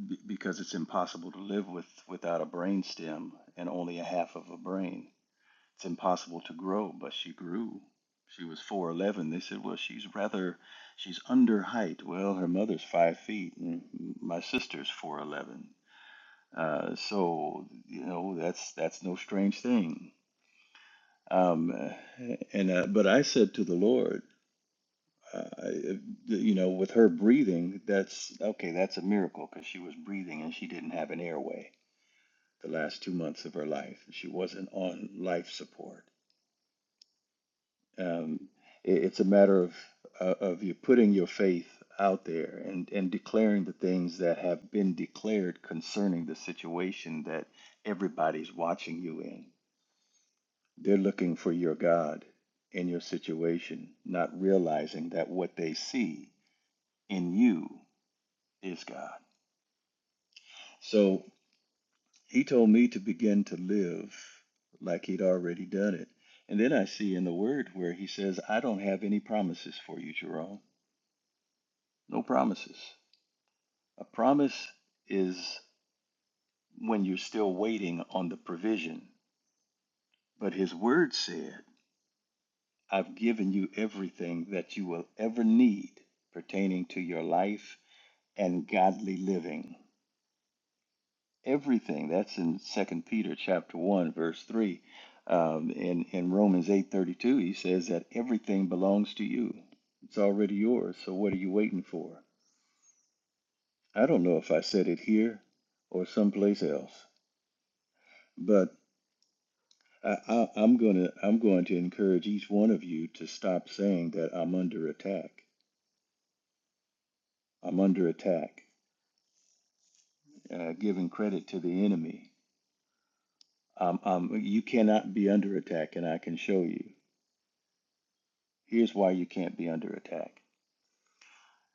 Speaker 4: b- because it's impossible to live with without a brain stem and only a half of a brain. it's impossible to grow, but she grew. She was four eleven. They said, well, she's rather, she's under height. Well, her mother's five feet, and my sister's four eleven. Uh, so you know that's that's no strange thing. Um, and uh, but I said to the Lord, uh, I- you know, with her breathing, that's okay. That's a miracle because she was breathing and she didn't have an airway the last two months of her life. She wasn't on life support Um, it, it's a matter of uh, of you putting your faith out there and and declaring the things that have been declared concerning the situation that everybody's watching you in. They're looking for your God in your situation, not realizing that what they see in you is God. So he told me to begin to live like he'd already done it. And then I see in the word where he says, I don't have any promises for you, Jerome. No promises. A promise is when you're still waiting on the provision. But his word said, I've given you everything that you will ever need pertaining to your life and godly living. Everything. That's in Second Peter chapter 1, verse 3. Um, in, in Romans 8.32, he says that everything belongs to you. It's already yours, so what are you waiting for? I don't know if I said it here or someplace else, but I, I, I'm gonna I'm going to encourage each one of you to stop saying that I'm under attack. I'm under attack. Uh, giving credit to the enemy. Um, um, you cannot be under attack, and I can show you. Here's why you can't be under attack.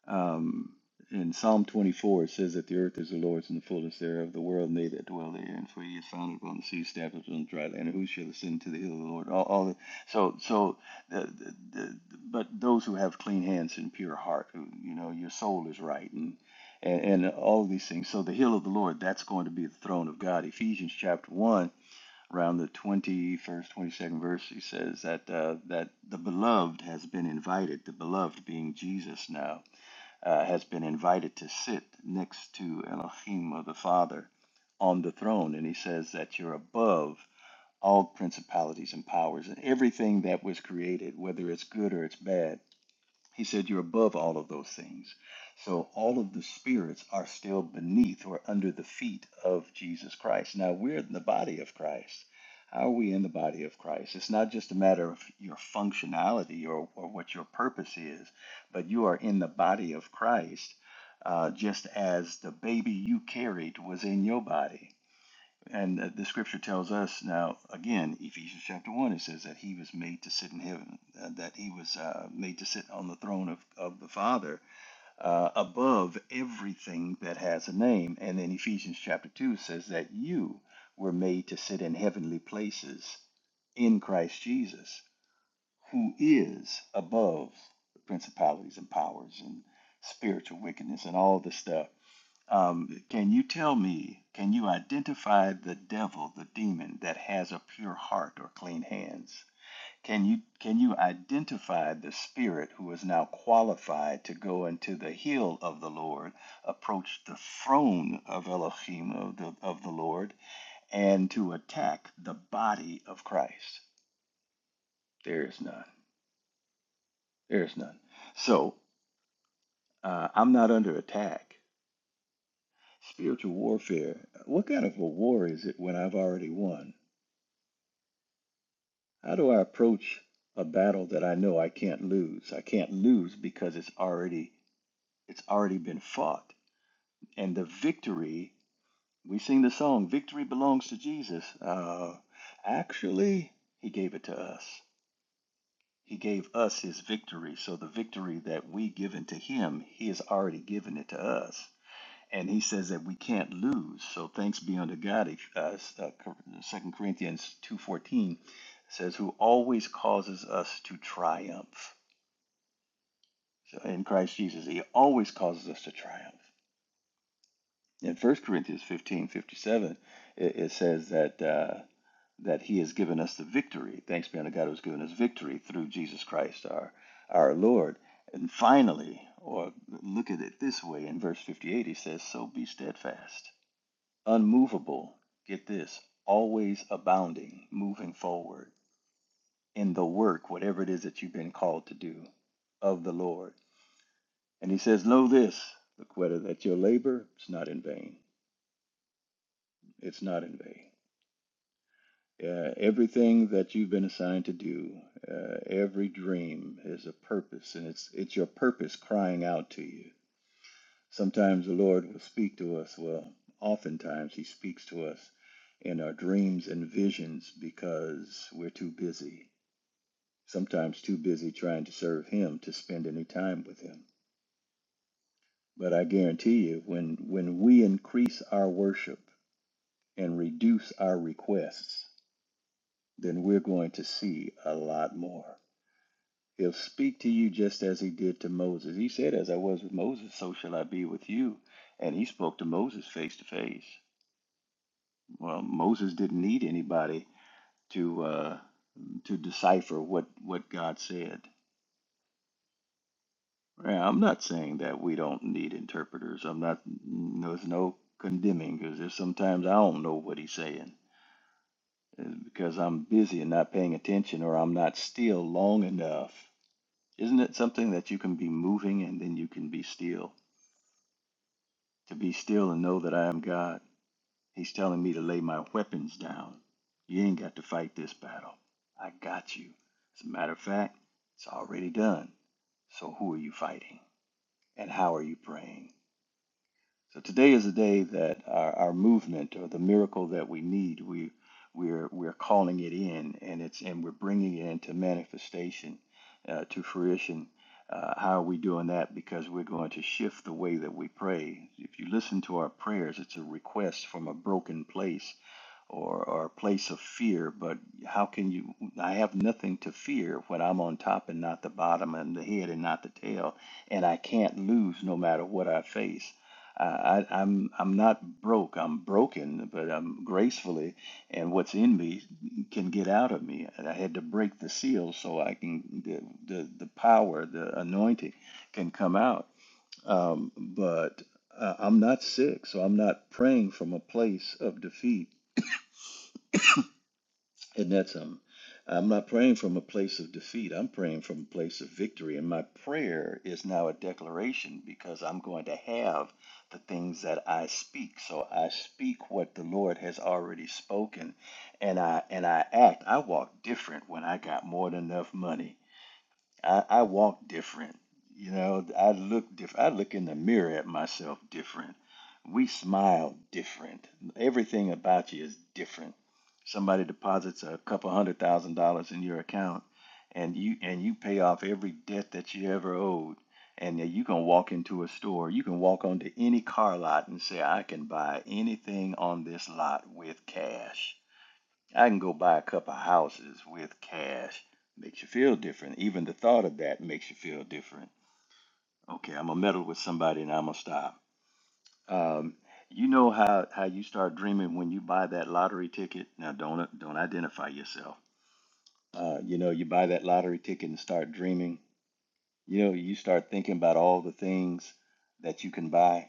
Speaker 4: Um, in Psalm 24, it says that the earth is the Lord's and the fullness thereof, the world and they that dwell therein. For he has founded upon the sea, established on the dry land. Who shall ascend to the hill of the Lord? All, all the, so, so, the, the, the, but those who have clean hands and pure heart, who, you know, your soul is right, and, and and all of these things. So the hill of the Lord, that's going to be the throne of God. Ephesians chapter one, around the 21st, 22nd verse, he says that uh, that the beloved has been invited. The beloved being Jesus now uh, has been invited to sit next to Elohim or the Father on the throne. And he says that you're above all principalities and powers and everything that was created, whether it's good or it's bad he said, You're above all of those things. So all of the spirits are still beneath or under the feet of Jesus Christ. Now we're in the body of Christ. How are we in the body of Christ? It's not just a matter of your functionality or, or what your purpose is, but you are in the body of Christ uh, just as the baby you carried was in your body. And uh, the scripture tells us now, again, Ephesians chapter 1, it says that he was made to sit in heaven, uh, that he was uh, made to sit on the throne of, of the Father uh, above everything that has a name. And then Ephesians chapter 2 says that you were made to sit in heavenly places in Christ Jesus, who is above the principalities and powers and spiritual wickedness and all this stuff. Um, can you tell me, can you identify the devil, the demon that has a pure heart or clean hands? Can you can you identify the spirit who is now qualified to go into the hill of the Lord, approach the throne of Elohim of the of the Lord, and to attack the body of Christ? There is none. There is none. So uh, I'm not under attack. Spiritual warfare. What kind of a war is it when I've already won? How do I approach a battle that I know I can't lose? I can't lose because it's already it's already been fought, and the victory. We sing the song, "Victory belongs to Jesus." Uh, actually, He gave it to us. He gave us His victory. So the victory that we given to Him, He has already given it to us and he says that we can't lose. So thanks be unto God. If, uh, uh, Cor- Corinthians 2.14 says, who always causes us to triumph. So in Christ Jesus, he always causes us to triumph. In First Corinthians 15.57, it, it says that, uh, that he has given us the victory. Thanks be unto God who has given us victory through Jesus Christ our, our Lord. And finally, or look at it this way, in verse 58, he says, so be steadfast. unmovable, get this, always abounding, moving forward in the work, whatever it is that you've been called to do of the Lord. And he says, Know this, Laquetta, that your labor is not in vain. It's not in vain. Uh, everything that you've been assigned to do, uh, every dream is a purpose, and it's it's your purpose crying out to you. Sometimes the Lord will speak to us. Well, oftentimes He speaks to us in our dreams and visions because we're too busy, sometimes too busy trying to serve Him to spend any time with Him. But I guarantee you, when, when we increase our worship and reduce our requests, then we're going to see a lot more. He'll speak to you just as he did to Moses. He said, As I was with Moses, so shall I be with you. And he spoke to Moses face to face. Well, Moses didn't need anybody to uh, to decipher what what God said. Yeah, I'm not saying that we don't need interpreters. I'm not. No, there's no condemning because there's sometimes I don't know what he's saying uh, because I'm busy and not paying attention, or I'm not still long enough. Isn't it something that you can be moving and then you can be still? To be still and know that I am God. He's telling me to lay my weapons down. You ain't got to fight this battle. I got you. As a matter of fact, it's already done. So who are you fighting? And how are you praying? So today is a day that our, our movement or the miracle that we need, we we're we're calling it in, and it's and we're bringing it into manifestation, uh, to fruition. Uh, how are we doing that? Because we're going to shift the way that we pray. If you listen to our prayers, it's a request from a broken place or, or a place of fear, but how can you? I have nothing to fear when I'm on top and not the bottom, and the head and not the tail, and I can't lose no matter what I face. I, I, I'm I'm not broke. I'm broken, but I'm gracefully, and what's in me can get out of me. And I had to break the seal so I can the the, the power, the anointing, can come out. Um, but uh, I'm not sick, so I'm not praying from a place of defeat. And that's um, I'm not praying from a place of defeat. I'm praying from a place of victory. And my prayer is now a declaration because I'm going to have the things that I speak. So I speak what the Lord has already spoken, and I and I act. I walk different when I got more than enough money. I, I walk different. You know, I look different. I look in the mirror at myself different. We smile different. Everything about you is different. Somebody deposits a couple hundred thousand dollars in your account, and you and you pay off every debt that you ever owed. And then you can walk into a store. You can walk onto any car lot and say, "I can buy anything on this lot with cash." I can go buy a couple houses with cash. Makes you feel different. Even the thought of that makes you feel different. Okay, I'm gonna meddle with somebody and I'm gonna stop. Um, you know how how you start dreaming when you buy that lottery ticket. Now don't don't identify yourself. Uh, you know you buy that lottery ticket and start dreaming. You know you start thinking about all the things that you can buy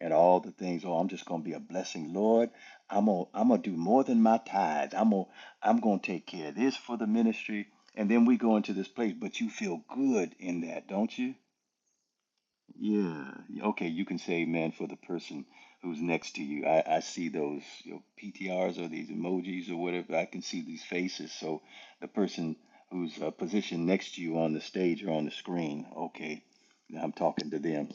Speaker 4: and all the things. Oh, I'm just gonna be a blessing, Lord. I'm gonna I'm gonna do more than my tithes. I'm gonna I'm gonna take care of this for the ministry, and then we go into this place. But you feel good in that, don't you? Yeah. Okay, you can say amen for the person who's next to you. I, I see those you know, PTRs or these emojis or whatever. I can see these faces. So the person who's uh, positioned next to you on the stage or on the screen. Okay, now I'm talking to them.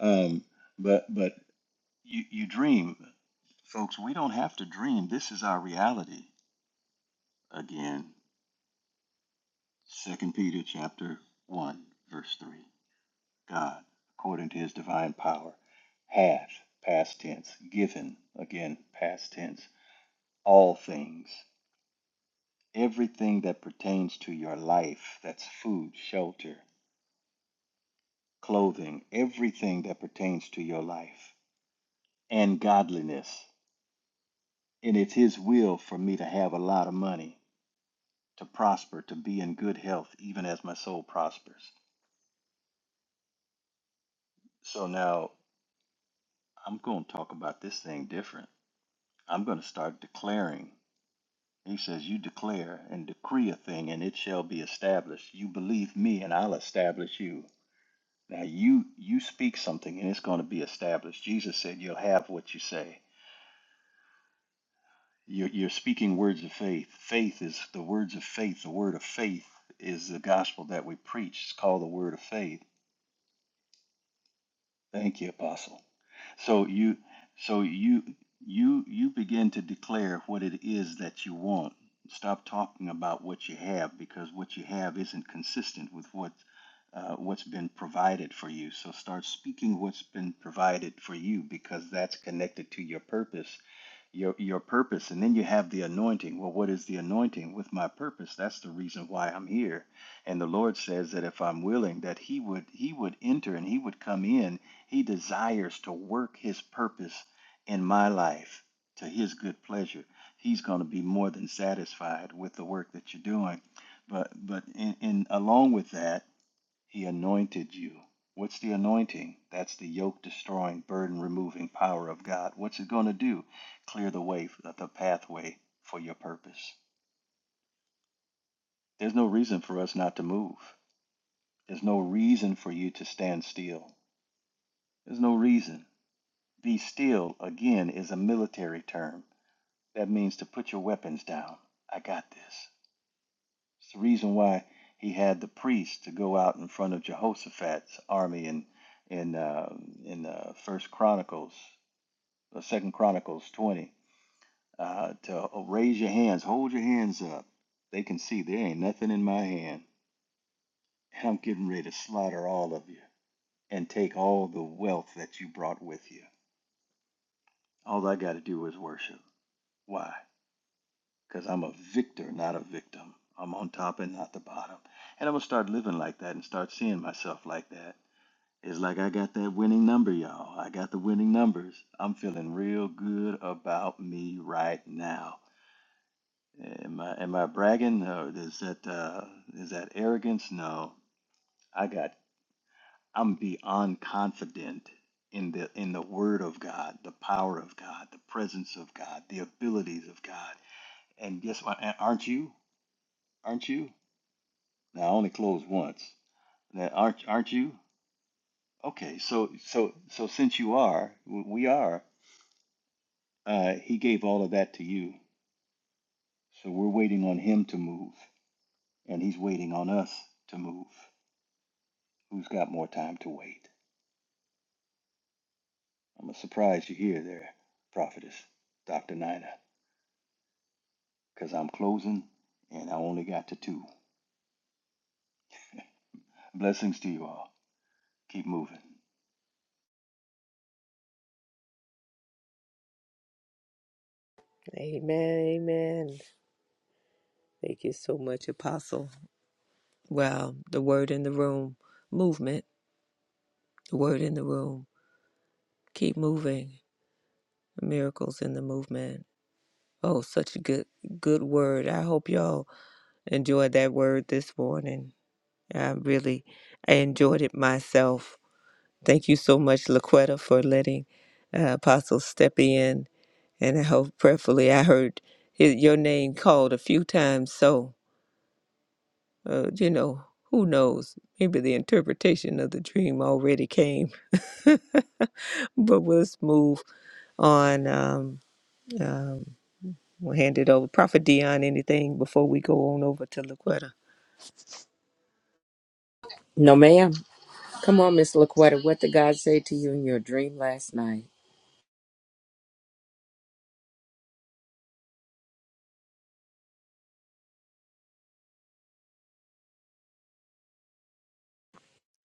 Speaker 4: Um, but but you, you dream folks we don't have to dream this is our reality again second peter chapter 1 verse 3 god according to his divine power hath past tense given again past tense all things everything that pertains to your life that's food shelter clothing everything that pertains to your life and godliness and it's his will for me to have a lot of money to prosper, to be in good health, even as my soul prospers. So now I'm going to talk about this thing different. I'm going to start declaring. He says, You declare and decree a thing, and it shall be established. You believe me, and I'll establish you. Now you you speak something, and it's going to be established. Jesus said, You'll have what you say. You're, you're speaking words of faith. Faith is the words of faith. The word of faith is the gospel that we preach. It's called the word of faith. Thank you, Apostle. So you so you you you begin to declare what it is that you want. Stop talking about what you have because what you have isn't consistent with what uh, what's been provided for you. So start speaking what's been provided for you because that's connected to your purpose your your purpose and then you have the anointing well what is the anointing with my purpose that's the reason why i'm here and the lord says that if i'm willing that he would he would enter and he would come in he desires to work his purpose in my life to his good pleasure he's going to be more than satisfied with the work that you're doing but but in, in along with that he anointed you. What's the anointing? That's the yoke destroying, burden removing power of God. What's it going to do? Clear the way, the pathway for your purpose. There's no reason for us not to move. There's no reason for you to stand still. There's no reason. Be still, again, is a military term. That means to put your weapons down. I got this. It's the reason why he had the priests to go out in front of Jehoshaphat's army in in uh, in uh, First Chronicles uh, Second Chronicles 20, uh, to uh, raise your hands, hold your hands up. They can see there ain't nothing in my hand, and I'm getting ready to slaughter all of you and take all the wealth that you brought with you. All I got to do is worship. Why? Because I'm a victor, not a victim. I'm on top and not the bottom. And I'm going to start living like that and start seeing myself like that. It's like I got that winning number, y'all. I got the winning numbers. I'm feeling real good about me right now. Am I am I bragging? No. Is that uh, is that arrogance? No. I got. I'm beyond confident in the in the Word of God, the power of God, the presence of God, the abilities of God. And guess what? A- Aren't you? Aren't you? Now I only closed once. Now, aren't aren't you? Okay. So so so since you are, w- we are. Uh, he gave all of that to you. So we're waiting on him to move, and he's waiting on us to move. Who's got more time to wait? I'm a surprise you're here there, prophetess, Dr. Nina, because I'm closing and I only got to two. Blessings to you all. Keep moving.
Speaker 2: Amen. Amen. Thank you so much, Apostle. Wow, the word in the room, movement, the word in the room. Keep moving. Miracles in the movement. Oh, such a good good word. I hope y'all enjoyed that word this morning. I really I enjoyed it myself. Thank you so much, Laquetta, for letting uh, Apostle step in. And I hope prayerfully I heard his, your name called a few times. So, uh, you know, who knows? Maybe the interpretation of the dream already came. but let's move on. Um, um, We'll hand it over. Prophet Dion, anything before we go on over to Laquetta?
Speaker 1: No, ma'am. Come on, Miss LaQuetta. What did God say to you in your dream last night?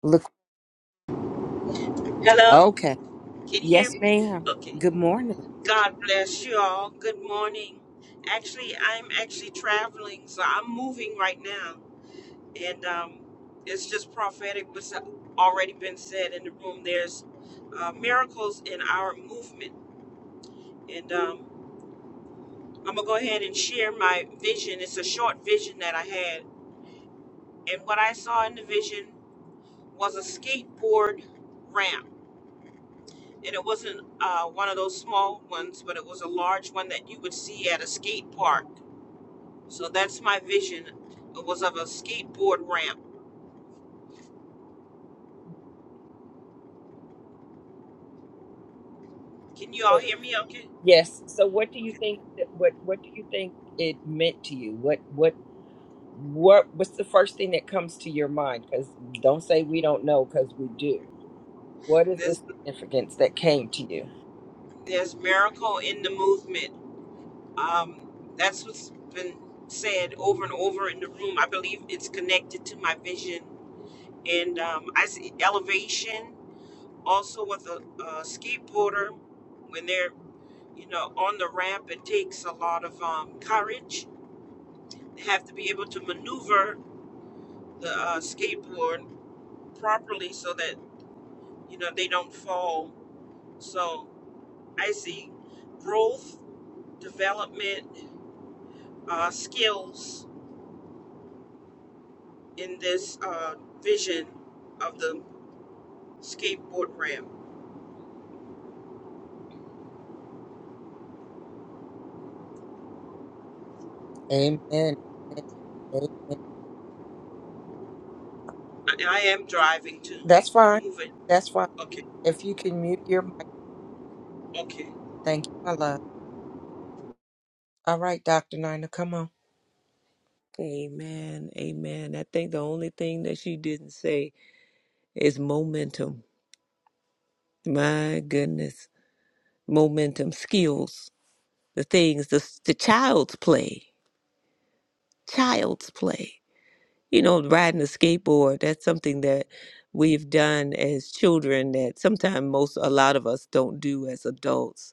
Speaker 1: Look.
Speaker 5: Hello?
Speaker 1: Okay.
Speaker 5: Can you hear
Speaker 1: Yes,
Speaker 5: me?
Speaker 1: ma'am.
Speaker 5: Okay.
Speaker 1: Good morning.
Speaker 5: God bless you all. Good morning. Actually, I'm actually traveling, so I'm moving right now. And um, it's just prophetic what's already been said in the room. There's uh, miracles in our movement. And um, I'm going to go ahead and share my vision. It's a short vision that I had. And what I saw in the vision was a skateboard ramp and it wasn't uh, one of those small ones, but it was a large one that you would see at a skate park. So that's my vision. It was of a skateboard ramp. Can you all hear me? Okay.
Speaker 1: Yes. So, what do you think? that- What What do you think it meant to you? What What What What's the first thing that comes to your mind? Because don't say we don't know, because we do. What is the
Speaker 5: There's
Speaker 1: significance that came to you?
Speaker 5: there's miracle in the movement. Um, that's what's been said over and over in the room. I believe it's connected to my vision, and um, I see elevation also with a, a skateboarder when they're you know on the ramp. It takes a lot of um, courage have to be able to maneuver the uh, skateboard properly so that you know they don't fall. So I see growth, development, uh, skills in this uh, vision of the skateboard ramp.
Speaker 1: Amen. Amen.
Speaker 5: And I am driving too.
Speaker 1: That's fine.
Speaker 5: Move it.
Speaker 1: That's fine.
Speaker 5: Okay.
Speaker 1: If you can mute your mic,
Speaker 5: Okay.
Speaker 1: thank you, my love. All right, Dr. Nina, come on.
Speaker 2: Amen. Amen. I think the only thing that she didn't say is momentum. My goodness. Momentum, skills, the things, the, the child's play. Child's play. You know, riding a skateboard, that's something that we've done as children that sometimes most, a lot of us don't do as adults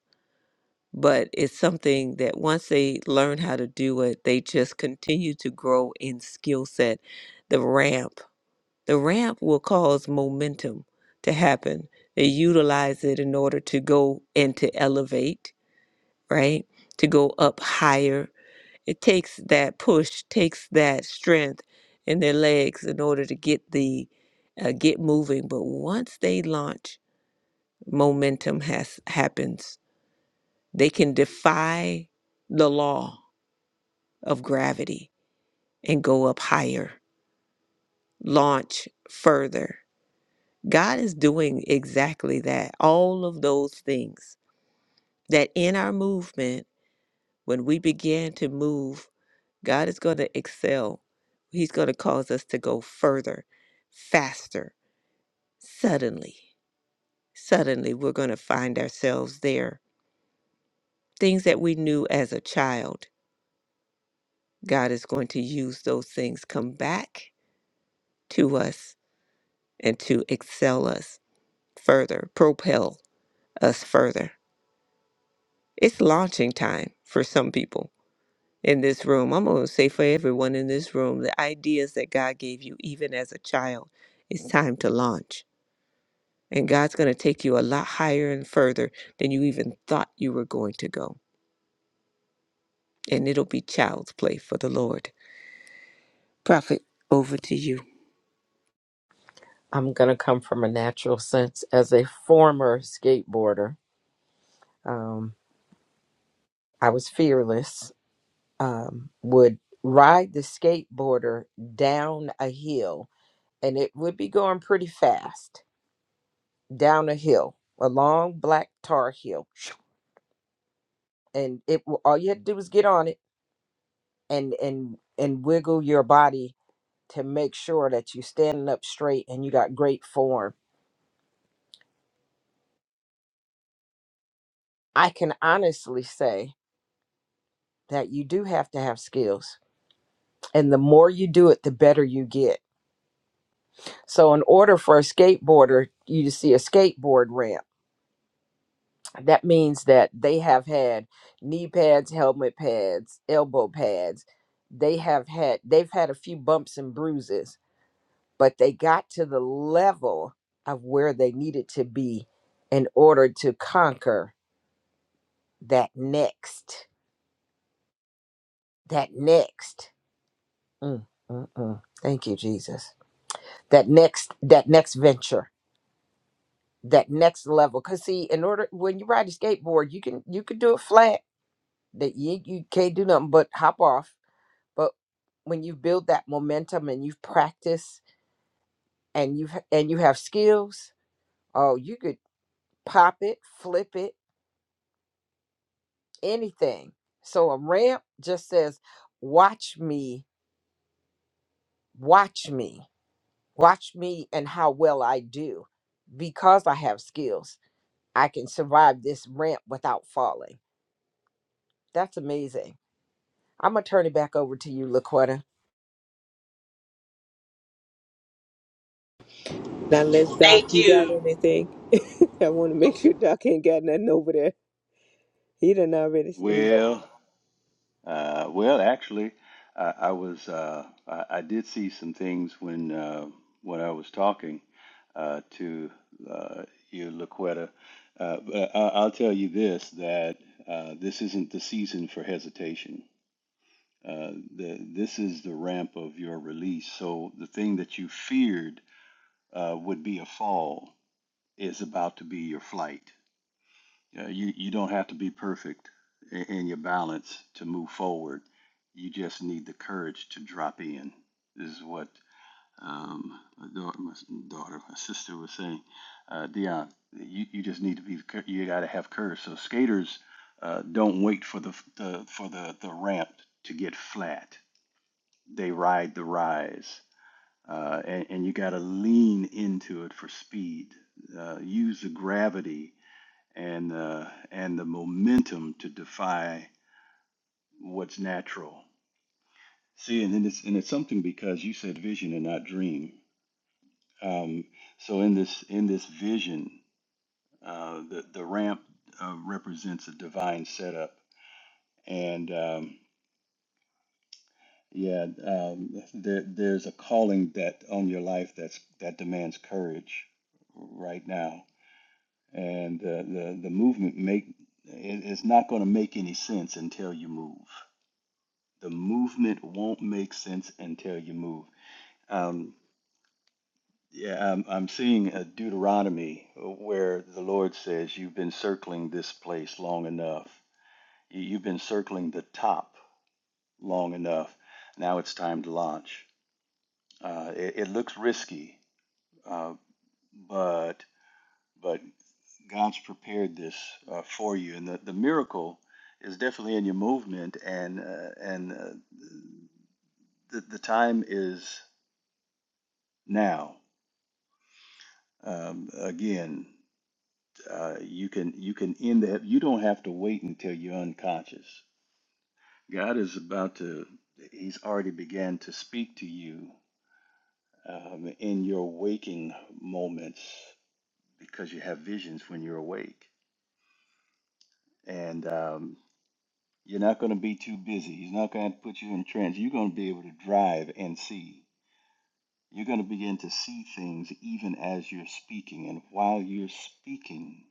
Speaker 2: but it's something that once they learn how to do it, they just continue to grow in skill set. The ramp, the ramp will cause momentum to happen. They utilize it in order to go and to elevate, right? To go up higher. It takes that push, takes that strength in their legs in order to get the uh, get moving. But once they launch, momentum has happens. They can defy the law of gravity and go up higher, launch further. God is doing exactly that. All of those things that in our movement, when we begin to move, God is going to excel. He's going to cause us to go further, faster, suddenly. Suddenly, we're going to find ourselves there. Things that we knew as a child, God is going to use those things come back to us and to excel us further, propel us further. It's launching time for some people in this room. I'm going to say for everyone in this room, the ideas that God gave you, even as a child, it's time to launch. And God's going to take you a lot higher and further than you even thought you were going to go. And it'll be child's play for the Lord. Prophet, over to you.
Speaker 1: I'm going to come from a natural sense. As a former skateboarder, um, I was fearless, um, would ride the skateboarder down a hill, and it would be going pretty fast down a hill, a long black tar hill. And it w- all you had to do was get on it and and and wiggle your body to make sure that you're standing up straight and you got great form. I can honestly say that you do have to have skills. And the more you do it, the better you get. So, in order for a skateboarder, you to see a skateboard ramp, that means that they have had knee pads, helmet pads, elbow pads. They have had, they've had a few bumps and bruises, but they got to the level of where they needed to be in order to conquer that next. that next mm, mm, mm. thank you jesus that next that next venture that next level because see in order when you ride a skateboard you can you can do it flat that you, you can't do nothing but hop off but when you build that momentum and you've practiced and you've and you have skills oh you could pop it flip it anything so a ramp just says watch me watch me Watch me and how well I do. Because I have skills, I can survive this ramp without falling. That's amazing. I'm going to turn it back over to you, LaQuetta.
Speaker 2: Now, let's Doc,
Speaker 5: Thank
Speaker 2: you got
Speaker 5: you.
Speaker 2: anything? I want to make sure Doc ain't got nothing over there. He done already. He,
Speaker 4: Well, uh, well, actually, I, I was, uh, I, I did see some things when, uh, when I was talking uh, to uh, you, Laquetta. Uh, but I, I'll tell you this, that uh, this isn't the season for hesitation. Uh, the, this is the ramp of your release. So the thing that you feared uh, would be a fall is about to be your flight. Uh, you you don't have to be perfect in, in your balance to move forward. You just need the courage to drop in. This is what um, my, daughter, my daughter, my sister was saying. Uh, Dion, you, you just need to be. You got to have courage. So skaters uh, don't wait for the, the for the the ramp to get flat. They ride the rise uh, and, and you got to lean into it for speed. Uh, use the gravity and uh, and the momentum to defy what's natural. See, and then it's and it's something because you said vision and not dream. Um, so in this in this vision, uh, the the ramp uh, represents a divine setup, and um, yeah, um, there, there's a calling that on your life that's that demands courage right now and uh, the the movement make it, it's not going to make any sense until you move. The movement won't make sense until you move. Um, yeah, I'm, I'm seeing a Deuteronomy where the Lord says, "You've been circling this place long enough. You- have been circling the top long enough. Now it's time to launch." Uh, it, it looks risky, uh, but but God's prepared this uh, for you, and the, the miracle is definitely in your movement, and uh, and uh, the, the time is now. Um, again, uh, you can you can end that. You don't have to wait until you're unconscious. God is about to. He's already began to speak to you um, in your waking moments because you have visions when you're awake, and um, You're not going to be too busy. He's not going to put you in trance. You're going to be able to drive and see. You're going to begin to see things even as you're speaking. And while you're speaking,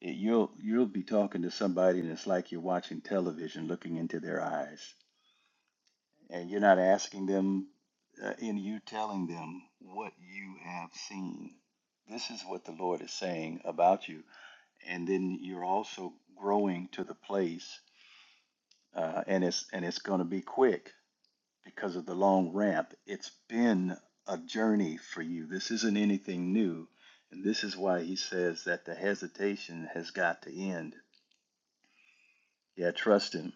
Speaker 4: it, you'll you'll be talking to somebody, and it's like you're watching television, looking into their eyes, and you're not asking them, uh, and you telling them what you have seen. This is what the Lord is saying about you, and then you're also growing to the place, uh, and it's and it's going to be quick because of the long ramp. It's been a journey for you. This isn't anything new. And this is why he says that the hesitation has got to end. Yeah, trust him.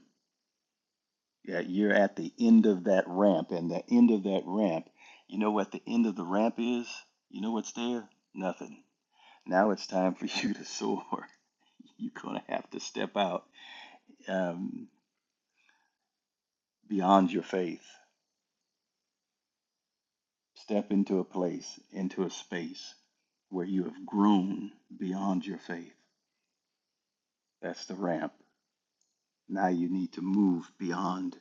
Speaker 4: Yeah, you're at the end of that ramp. And the end of that ramp, you know what the end of the ramp is? You know what's there? Nothing. Now it's time for you to soar. You're going to have to step out um, beyond your faith. Step into a place, into a space where you have grown beyond your faith. That's the ramp. Now you need to move beyond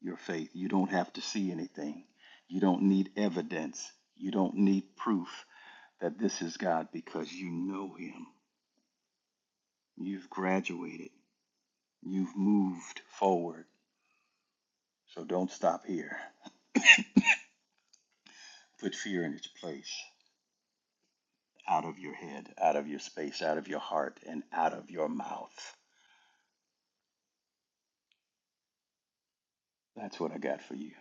Speaker 4: your faith. You don't have to see anything. You don't need evidence. You don't need proof that this is God because you know Him. You've graduated. You've moved forward. So don't stop here. Put fear in its place out of your head, out of your space, out of your heart, and out of your mouth. That's what I got for you.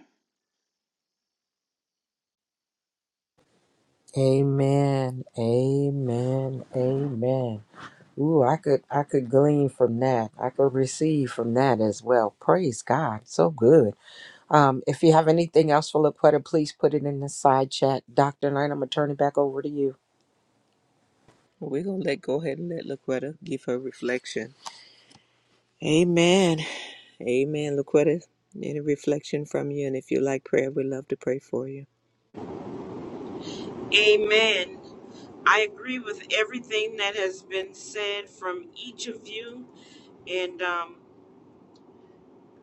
Speaker 1: Amen. Amen. Amen. Ooh, I could I could glean from that. I could receive from that as well. Praise God. So good. Um, if you have anything else for Laquetta, please put it in the side chat. Dr. Knight, I'm gonna turn it back over to you.
Speaker 2: We're gonna let go ahead and let Laquetta give her reflection. Amen. Amen, Laquetta. Any reflection from you? And if you like prayer, we'd love to pray for you.
Speaker 5: Amen. I agree with everything that has been said from each of you, and um,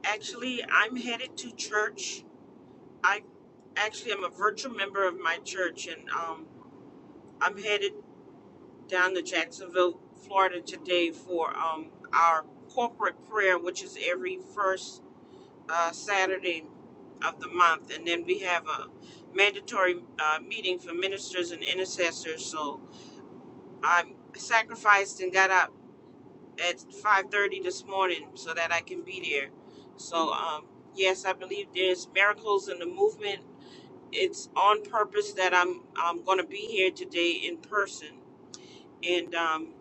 Speaker 5: Actually, I'm headed to church. I actually am a virtual member of my church, and um, I'm headed down to Jacksonville, Florida today for um, our corporate prayer, which is every first uh, Saturday of the month. And then we have a mandatory uh, meeting for ministers and intercessors. So I sacrificed and got up at 5:30 this morning so that I can be there. So um, yes, I believe there's miracles in the movement. It's on purpose that I'm I'm going to be here today in person, and um,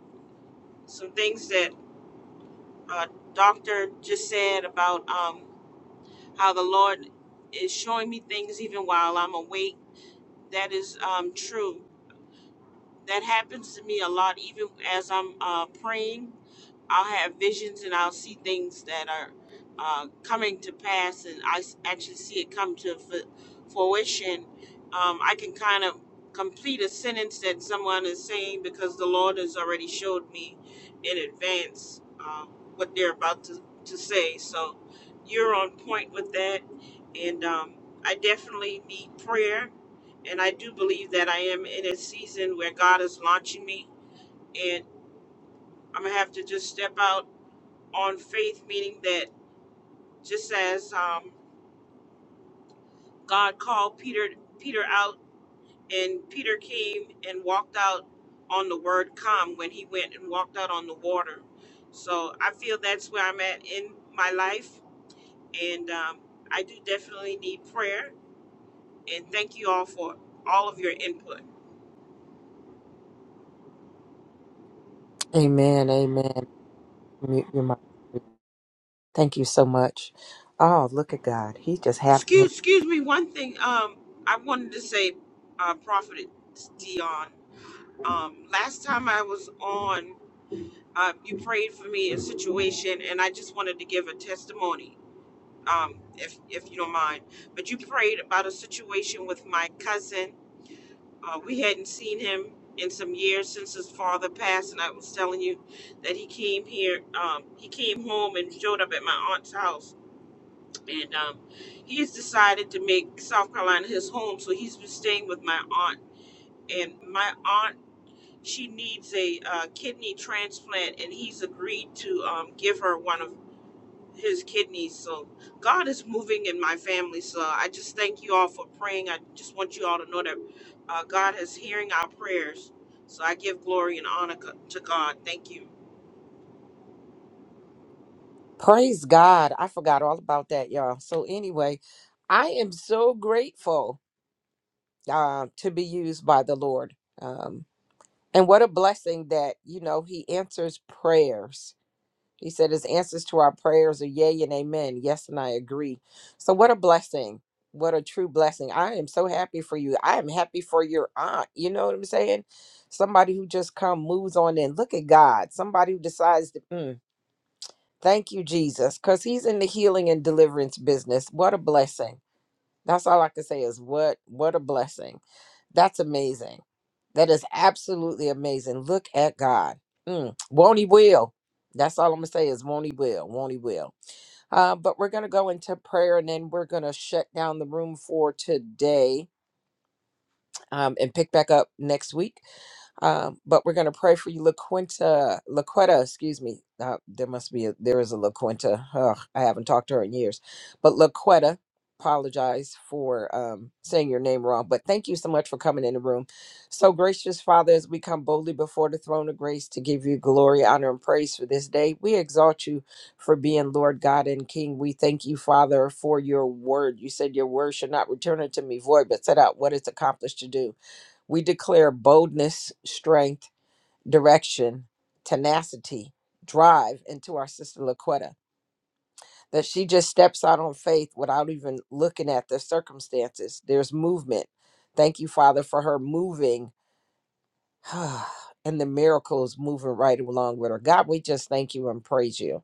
Speaker 5: some things that uh, Doctor just said about um, how the Lord is showing me things even while I'm awake. That is um, true. That happens to me a lot, even as I'm uh, praying I'll have visions and I'll see things that are uh, coming to pass, and I s- actually see it come to fu- fruition. Um, I can kind of complete a sentence that someone is saying because the Lord has already showed me in advance uh, what they're about to, to say. So you're on point with that, and um, I definitely need prayer. And I do believe that I am in a season where God is launching me, and I'm gonna have to just step out on faith, meaning that just as um, God called Peter Peter out, and Peter came and walked out on the word "come" when he went and walked out on the water. So I feel that's where I'm at in my life, and um, I do definitely need prayer. And thank you all for all of your input.
Speaker 1: Amen. Amen. Mute your mic. Thank you so much. Oh, look at God. He just having his
Speaker 5: Excuse excuse me. One thing um, I wanted to say, uh, Prophet Dion. Um, last time I was on. Um, you prayed for me in a situation, and I just wanted to give a testimony, um, if if you don't mind. But you prayed about a situation with my cousin. Uh, we hadn't seen him in some years since his father passed, and I was telling you that he came here. Um, he came home and showed up at my aunt's house, and um, he's decided to make South Carolina his home. So he's been staying with my aunt, and my aunt she needs a uh, kidney transplant, and he's agreed to um, give her one of his kidneys. So God is moving in my family. So I just thank you all for praying. I just want you all to know that uh, God is hearing our prayers. So I give glory and honor co- to God. Thank you.
Speaker 1: praise God. I forgot all about that, y'all. So anyway, I am so grateful uh, to be used by the Lord. Um, and what a blessing that, you know, he answers prayers. He said his answers to our prayers are yea and amen. Yes, and I agree. So what a blessing. What a true blessing. I am so happy for you. I am happy for your aunt. You know what I'm saying? Somebody who just come moves on in. Look at God. Somebody who decides to mm, thank you, Jesus, because he's in the healing and deliverance business. What a blessing. That's all I can say is what what a blessing. That's amazing. That is absolutely amazing. Look at God. Mm, won't he will. That's all I'm gonna say is won't he will, won't he will. Uh, but we're gonna go into prayer and then we're gonna shut down the room for today um, and pick back up next week. Um, but we're going to pray for you, LaQuinta, LaQuetta, excuse me. Uh, there must be a, there is a LaQuinta. Ugh, I haven't talked to her in years. But LaQuetta, apologize for um, saying your name wrong. But thank you so much for coming in the room. So gracious Father, as we come boldly before the throne of grace to give you glory, honor, and praise for this day, we exalt you for being Lord God and King. We thank you, Father, for your word. You said your word should not return unto me void, but set out what it's accomplished to do. We declare boldness, strength, direction, tenacity, drive into our sister Laquetta. That she just steps out on faith without even looking at the circumstances. There's movement. Thank you, Father, for her moving and the miracles moving right along with her. God, we just thank you and praise you.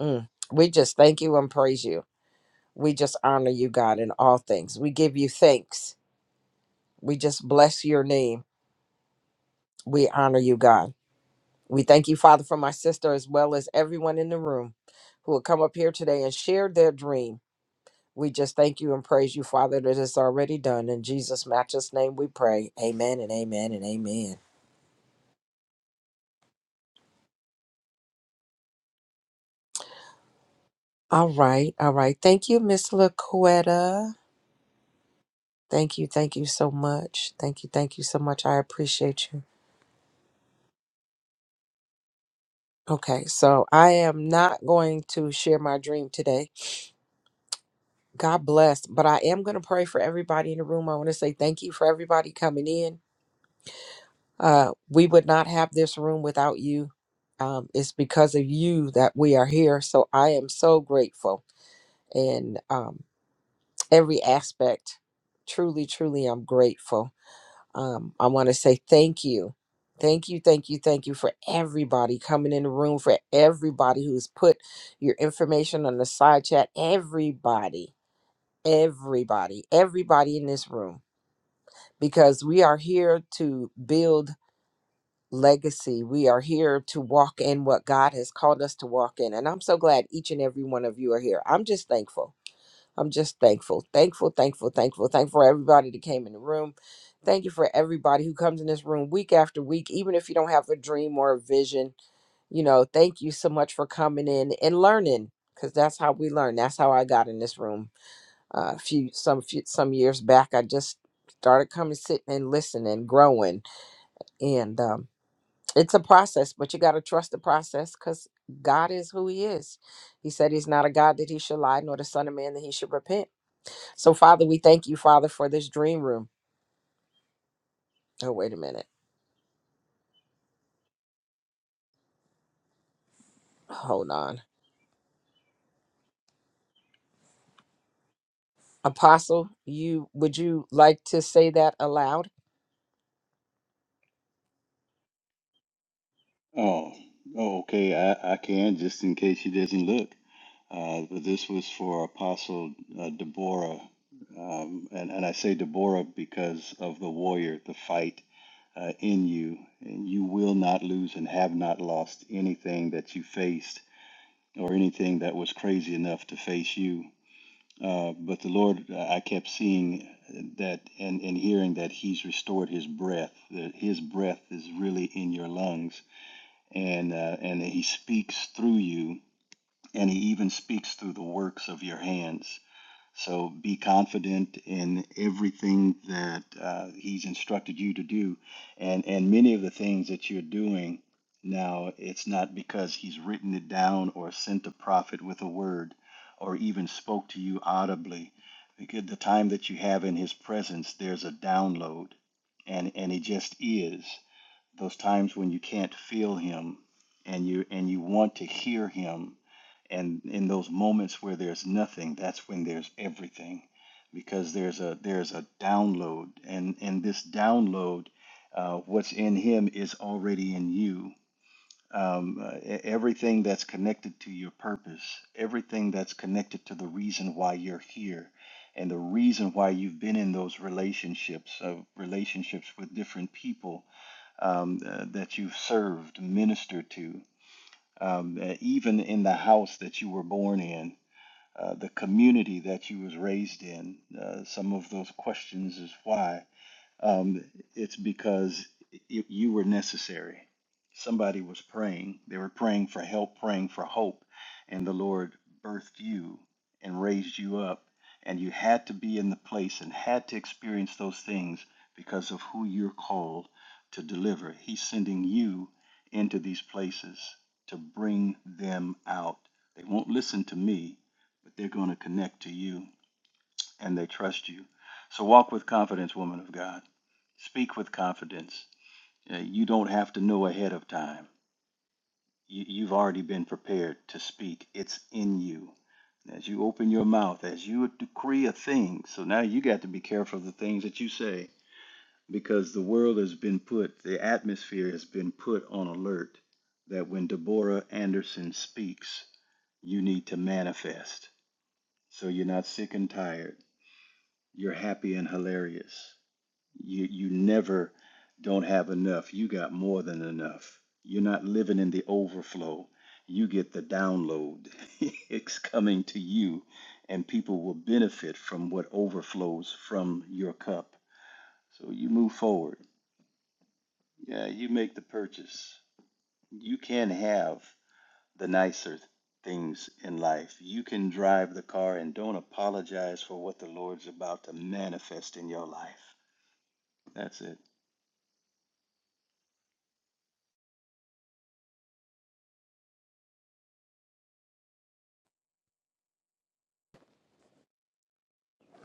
Speaker 1: Mm. We just thank you and praise you. We just honor you, God, in all things. We give you thanks. We just bless your name. We honor you, God. We thank you, Father, for my sister as well as everyone in the room who will come up here today and share their dream. We just thank you and praise you, Father, that it's already done. In Jesus' matchless name we pray. Amen and amen and amen. All right. All right. Thank you, Miss LaQuetta. Thank you. Thank you so much. Thank you. Thank you so much. I appreciate you. Okay, so I am not going to share my dream today. God bless, but I am going to pray for everybody in the room. I want to say thank you for everybody coming in. Uh, we would not have this room without you. Um, it's because of you that we are here. So I am so grateful in um, every aspect. Truly, truly, I'm grateful. um, I want to say thank you. Thank you, thank you, thank you for everybody coming in the room, for everybody who's put your information on the side chat. Everybody, everybody, everybody in this room, because we are here to build legacy. We are here to walk in what God has called us to walk in. And I'm so glad each and every one of you are here. I'm just thankful. I'm just thankful, thankful, thankful, thankful, thankful for everybody that came in the room. Thank you for everybody who comes in this room week after week, even if you don't have a dream or a vision. You know, thank you so much for coming in and learning, because that's how we learn. That's how I got in this room. Uh, a few some few, some years back, I just started coming, sitting and listening, growing, and um, it's a process. But you got to trust the process, because God is who He is. He said He's not a God that He should lie, nor the Son of Man that He should repent. So, Father, we thank you, Father, for this dream room. Oh, wait a minute. Hold on. Apostle, you would you like to say that aloud?
Speaker 4: Oh, oh, okay. I, I can just in case she doesn't look. Uh, but this was for Apostle uh, Deborah, um, and and I say Deborah because of the warrior, the fight uh, in you, and you will not lose and have not lost anything that you faced or anything that was crazy enough to face you. Uh, but the Lord, uh, I kept seeing that and, and hearing that He's restored His breath. That His breath is really in your lungs and uh, and he speaks through you and he even speaks through the works of your hands so be confident in everything that uh, he's instructed you to do and and many of the things that you're doing now it's not because he's written it down or sent a prophet with a word or even spoke to you audibly because the time that you have in his presence there's a download and and it just is those times when you can't feel him and you and you want to hear him and in those moments where there's nothing that's when there's everything because there's a there's a download and and this download uh, what's in him is already in you um, uh, e- everything that's connected to your purpose everything that's connected to the reason why you're here and the reason why you've been in those relationships of relationships with different people um, uh, that you've served, ministered to, um, uh, even in the house that you were born in, uh, the community that you was raised in. Uh, some of those questions is why. Um, it's because you, you were necessary. Somebody was praying. They were praying for help, praying for hope, and the Lord birthed you and raised you up. And you had to be in the place and had to experience those things because of who you're called to deliver. He's sending you into these places to bring them out. They won't listen to me, but they're going to connect to you and they trust you. So walk with confidence, woman of God. Speak with confidence. Uh, You don't have to know ahead of time. You, you've already been prepared to speak, it's in you. As you open your mouth, as you decree a thing, so now you got to be careful of the things that you say because the world has been put, the atmosphere has been put on alert that when Deborah Anderson speaks, you need to manifest. So you're not sick and tired, you're happy and hilarious You you never don't have enough. You got more than enough. You're not living in the overflow. You get the download. it's coming to you and people will benefit from what overflows from your cup. So you move forward. Yeah, you make the purchase. You can have the nicer things in life. You can drive the car and don't apologize for what the Lord's about to manifest in your life. That's it.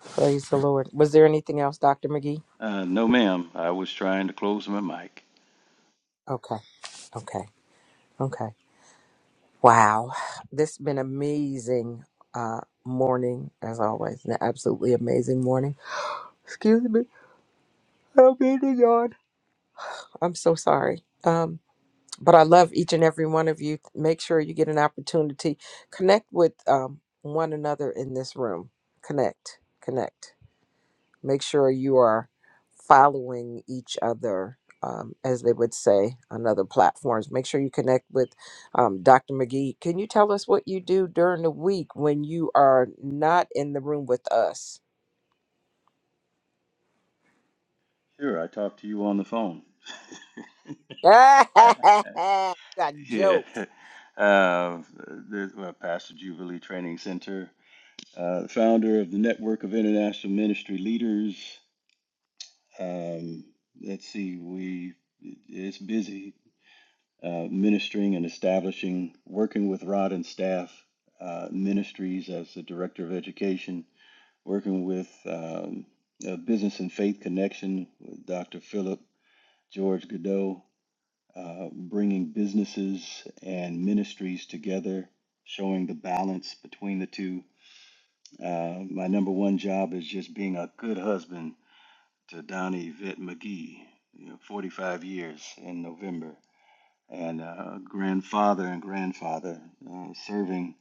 Speaker 1: Praise the Lord. Was there anything else, Dr. McGee?
Speaker 4: Uh, no, ma'am. I was trying to close my mic.
Speaker 1: Okay. Okay. Okay. Wow. This has been amazing uh morning as always. An absolutely amazing morning. Excuse me. I'm being yawn. I'm so sorry. Um but I love each and every one of you. Make sure you get an opportunity. Connect with um, one another in this room. Connect, connect. Make sure you are following each other, um, as they would say on other platforms. Make sure you connect with um, Dr. McGee. Can you tell us what you do during the week when you are not in the room with us?
Speaker 4: Sure, I talked to you on the phone.
Speaker 1: Got
Speaker 4: yeah.
Speaker 1: jokes.
Speaker 4: Uh, the, uh, Pastor Jubilee Training Center, uh, founder of the Network of International Ministry Leaders. Um, let's see, we it's busy uh, ministering and establishing, working with Rod and staff uh, ministries as the director of education, working with um, uh, Business and Faith Connection with Dr. Philip George Godot, uh, bringing businesses and ministries together, showing the balance between the two. Uh, my number one job is just being a good husband to Donnie Vitt McGee, you know, 45 years in November, and uh, grandfather and grandfather, uh, serving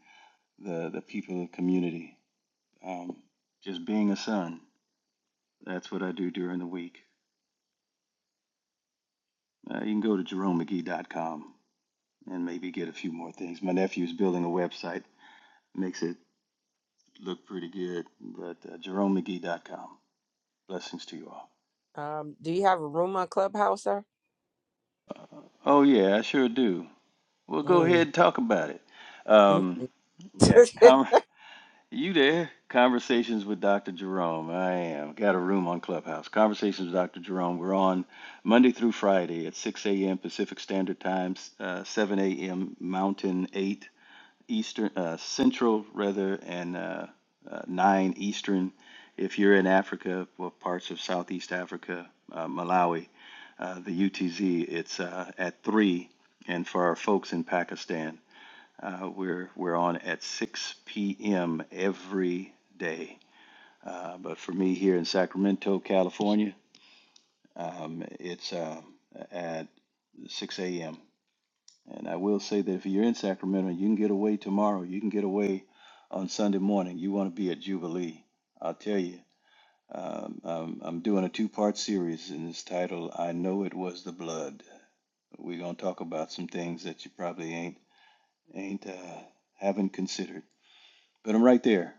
Speaker 4: the, the people of the community. Um, just being a son, that's what I do during the week. Uh, you can go to jeromemcgee.com and maybe get a few more things. My nephew's building a website, makes it look pretty good, but uh, jeromemcgee.com. Blessings to you all.
Speaker 1: Um, do you have a room on Clubhouse, sir?
Speaker 4: Oh, yeah, I sure do. Well, go
Speaker 1: Mm.
Speaker 4: ahead and talk about it. Um, yeah, com- you there? Conversations with Dr. Jerome. I am. Got a room on Clubhouse. Conversations with Dr. Jerome. We're on Monday through Friday at 6 a.m. Pacific Standard Time, uh, 7 a.m. Mountain, 8 Eastern, uh, Central rather, and uh, uh, 9 Eastern if you're in Africa or parts of Southeast Africa, uh, Malawi. Uh, the UTZ, it's uh, at 3. And for our folks in Pakistan, uh, we're, we're on at 6 p.m. every day. Uh, but for me here in Sacramento, California, um, it's uh, at 6 a.m. And I will say that if you're in Sacramento, you can get away tomorrow. You can get away on Sunday morning. You want to be at Jubilee. I'll tell you. Um, um, I'm doing a two part series, and it's titled "I Know It Was the Blood." We're gonna talk about some things that you probably ain't ain't uh, haven't considered. But I'm right there,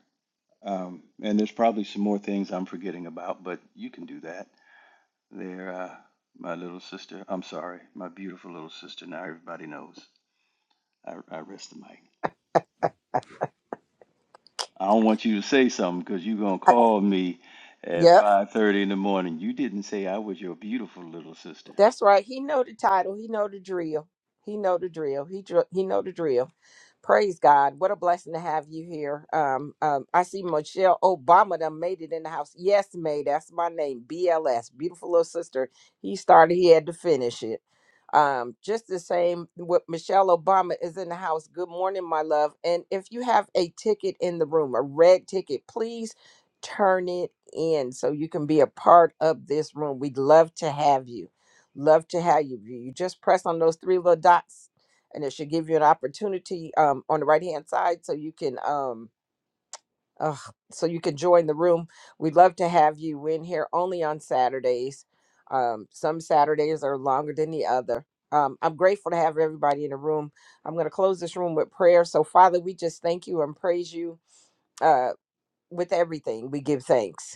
Speaker 4: um, and there's probably some more things I'm forgetting about. But you can do that. There, uh, my little sister. I'm sorry, my beautiful little sister. Now everybody knows. I, I rest the mic. I don't want you to say something because you're gonna call me at
Speaker 1: Yep.
Speaker 4: five thirty in the morning. You didn't say I was your beautiful little sister.
Speaker 1: That's right. He know the title. He know the drill. He know the drill. He dr- he know the drill. Praise God. What a blessing to have you here. Um, um, I see Michelle Obama done made it in the house. Yes, May. That's my name. BLS. Beautiful little sister. He started, he had to finish it. Um, just the same with Michelle Obama is in the house. Good morning, my love. And if you have a ticket in the room, a red ticket, please turn it in so you can be a part of this room. We'd love to have you. Love to have you. You you just press on those three little dots, and it should give you an opportunity um, on the right hand side, so you can um, ugh, so you can join the room. We'd love to have you. We're in here only on Saturdays. Um, some Saturdays are longer than the other. Um, I'm grateful to have everybody in the room. I'm going to close this room with prayer. So, Father, we just thank you and praise you uh, with everything. We give thanks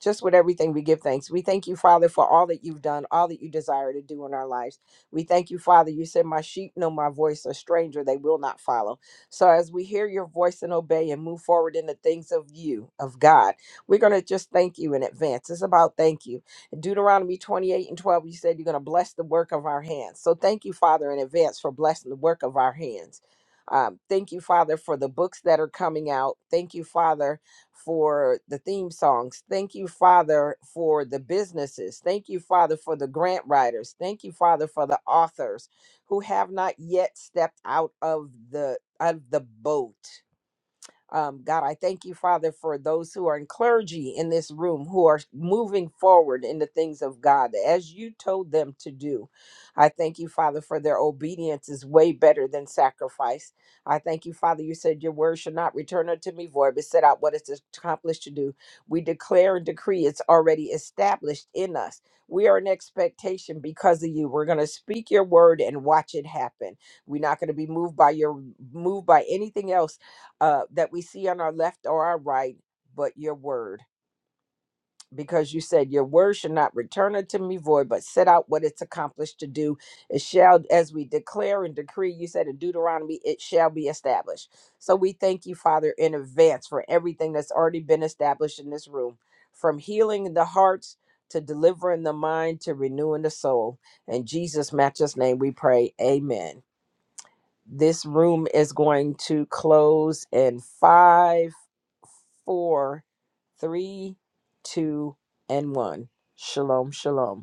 Speaker 1: just with everything we give thanks. We thank you, Father, for all that you've done, all that you desire to do in our lives. We thank you, Father. You said, My sheep know my voice, a stranger they will not follow. So as we hear your voice and obey and move forward in the things of you, of God, we're going to just thank you in advance. It's about thank you. Deuteronomy 28 and 12, you said you're going to bless the work of our hands. So thank you, Father, in advance for blessing the work of our hands. Um, thank you, Father, for the books that are coming out. Thank you, Father for the theme songs. Thank you, Father, for the businesses. Thank you, Father, for the grant writers. Thank you, Father, for the authors who have not yet stepped out of the out of the boat. Um, God, I thank you, Father, for those who are in clergy in this room who are moving forward in the things of God as you told them to do. I thank you, Father, for their obedience is way better than sacrifice. I thank you, Father. You said your word should not return unto me void, but set out what it's accomplished to do. We declare and decree it's already established in us. We are in expectation because of you. We're going to speak your word and watch it happen. We're not going to be moved by your moved by anything else uh, that we see on our left or our right, but your word. Because you said, Your word should not return unto me void, but set out what it's accomplished to do. It shall, as we declare and decree, you said in Deuteronomy, it shall be established. So we thank you, Father, in advance for everything that's already been established in this room from healing the hearts to delivering the mind to renewing the soul. In Jesus' matchless name, we pray, Amen. This room is going to close in five four, three, two, and one. Shalom, shalom.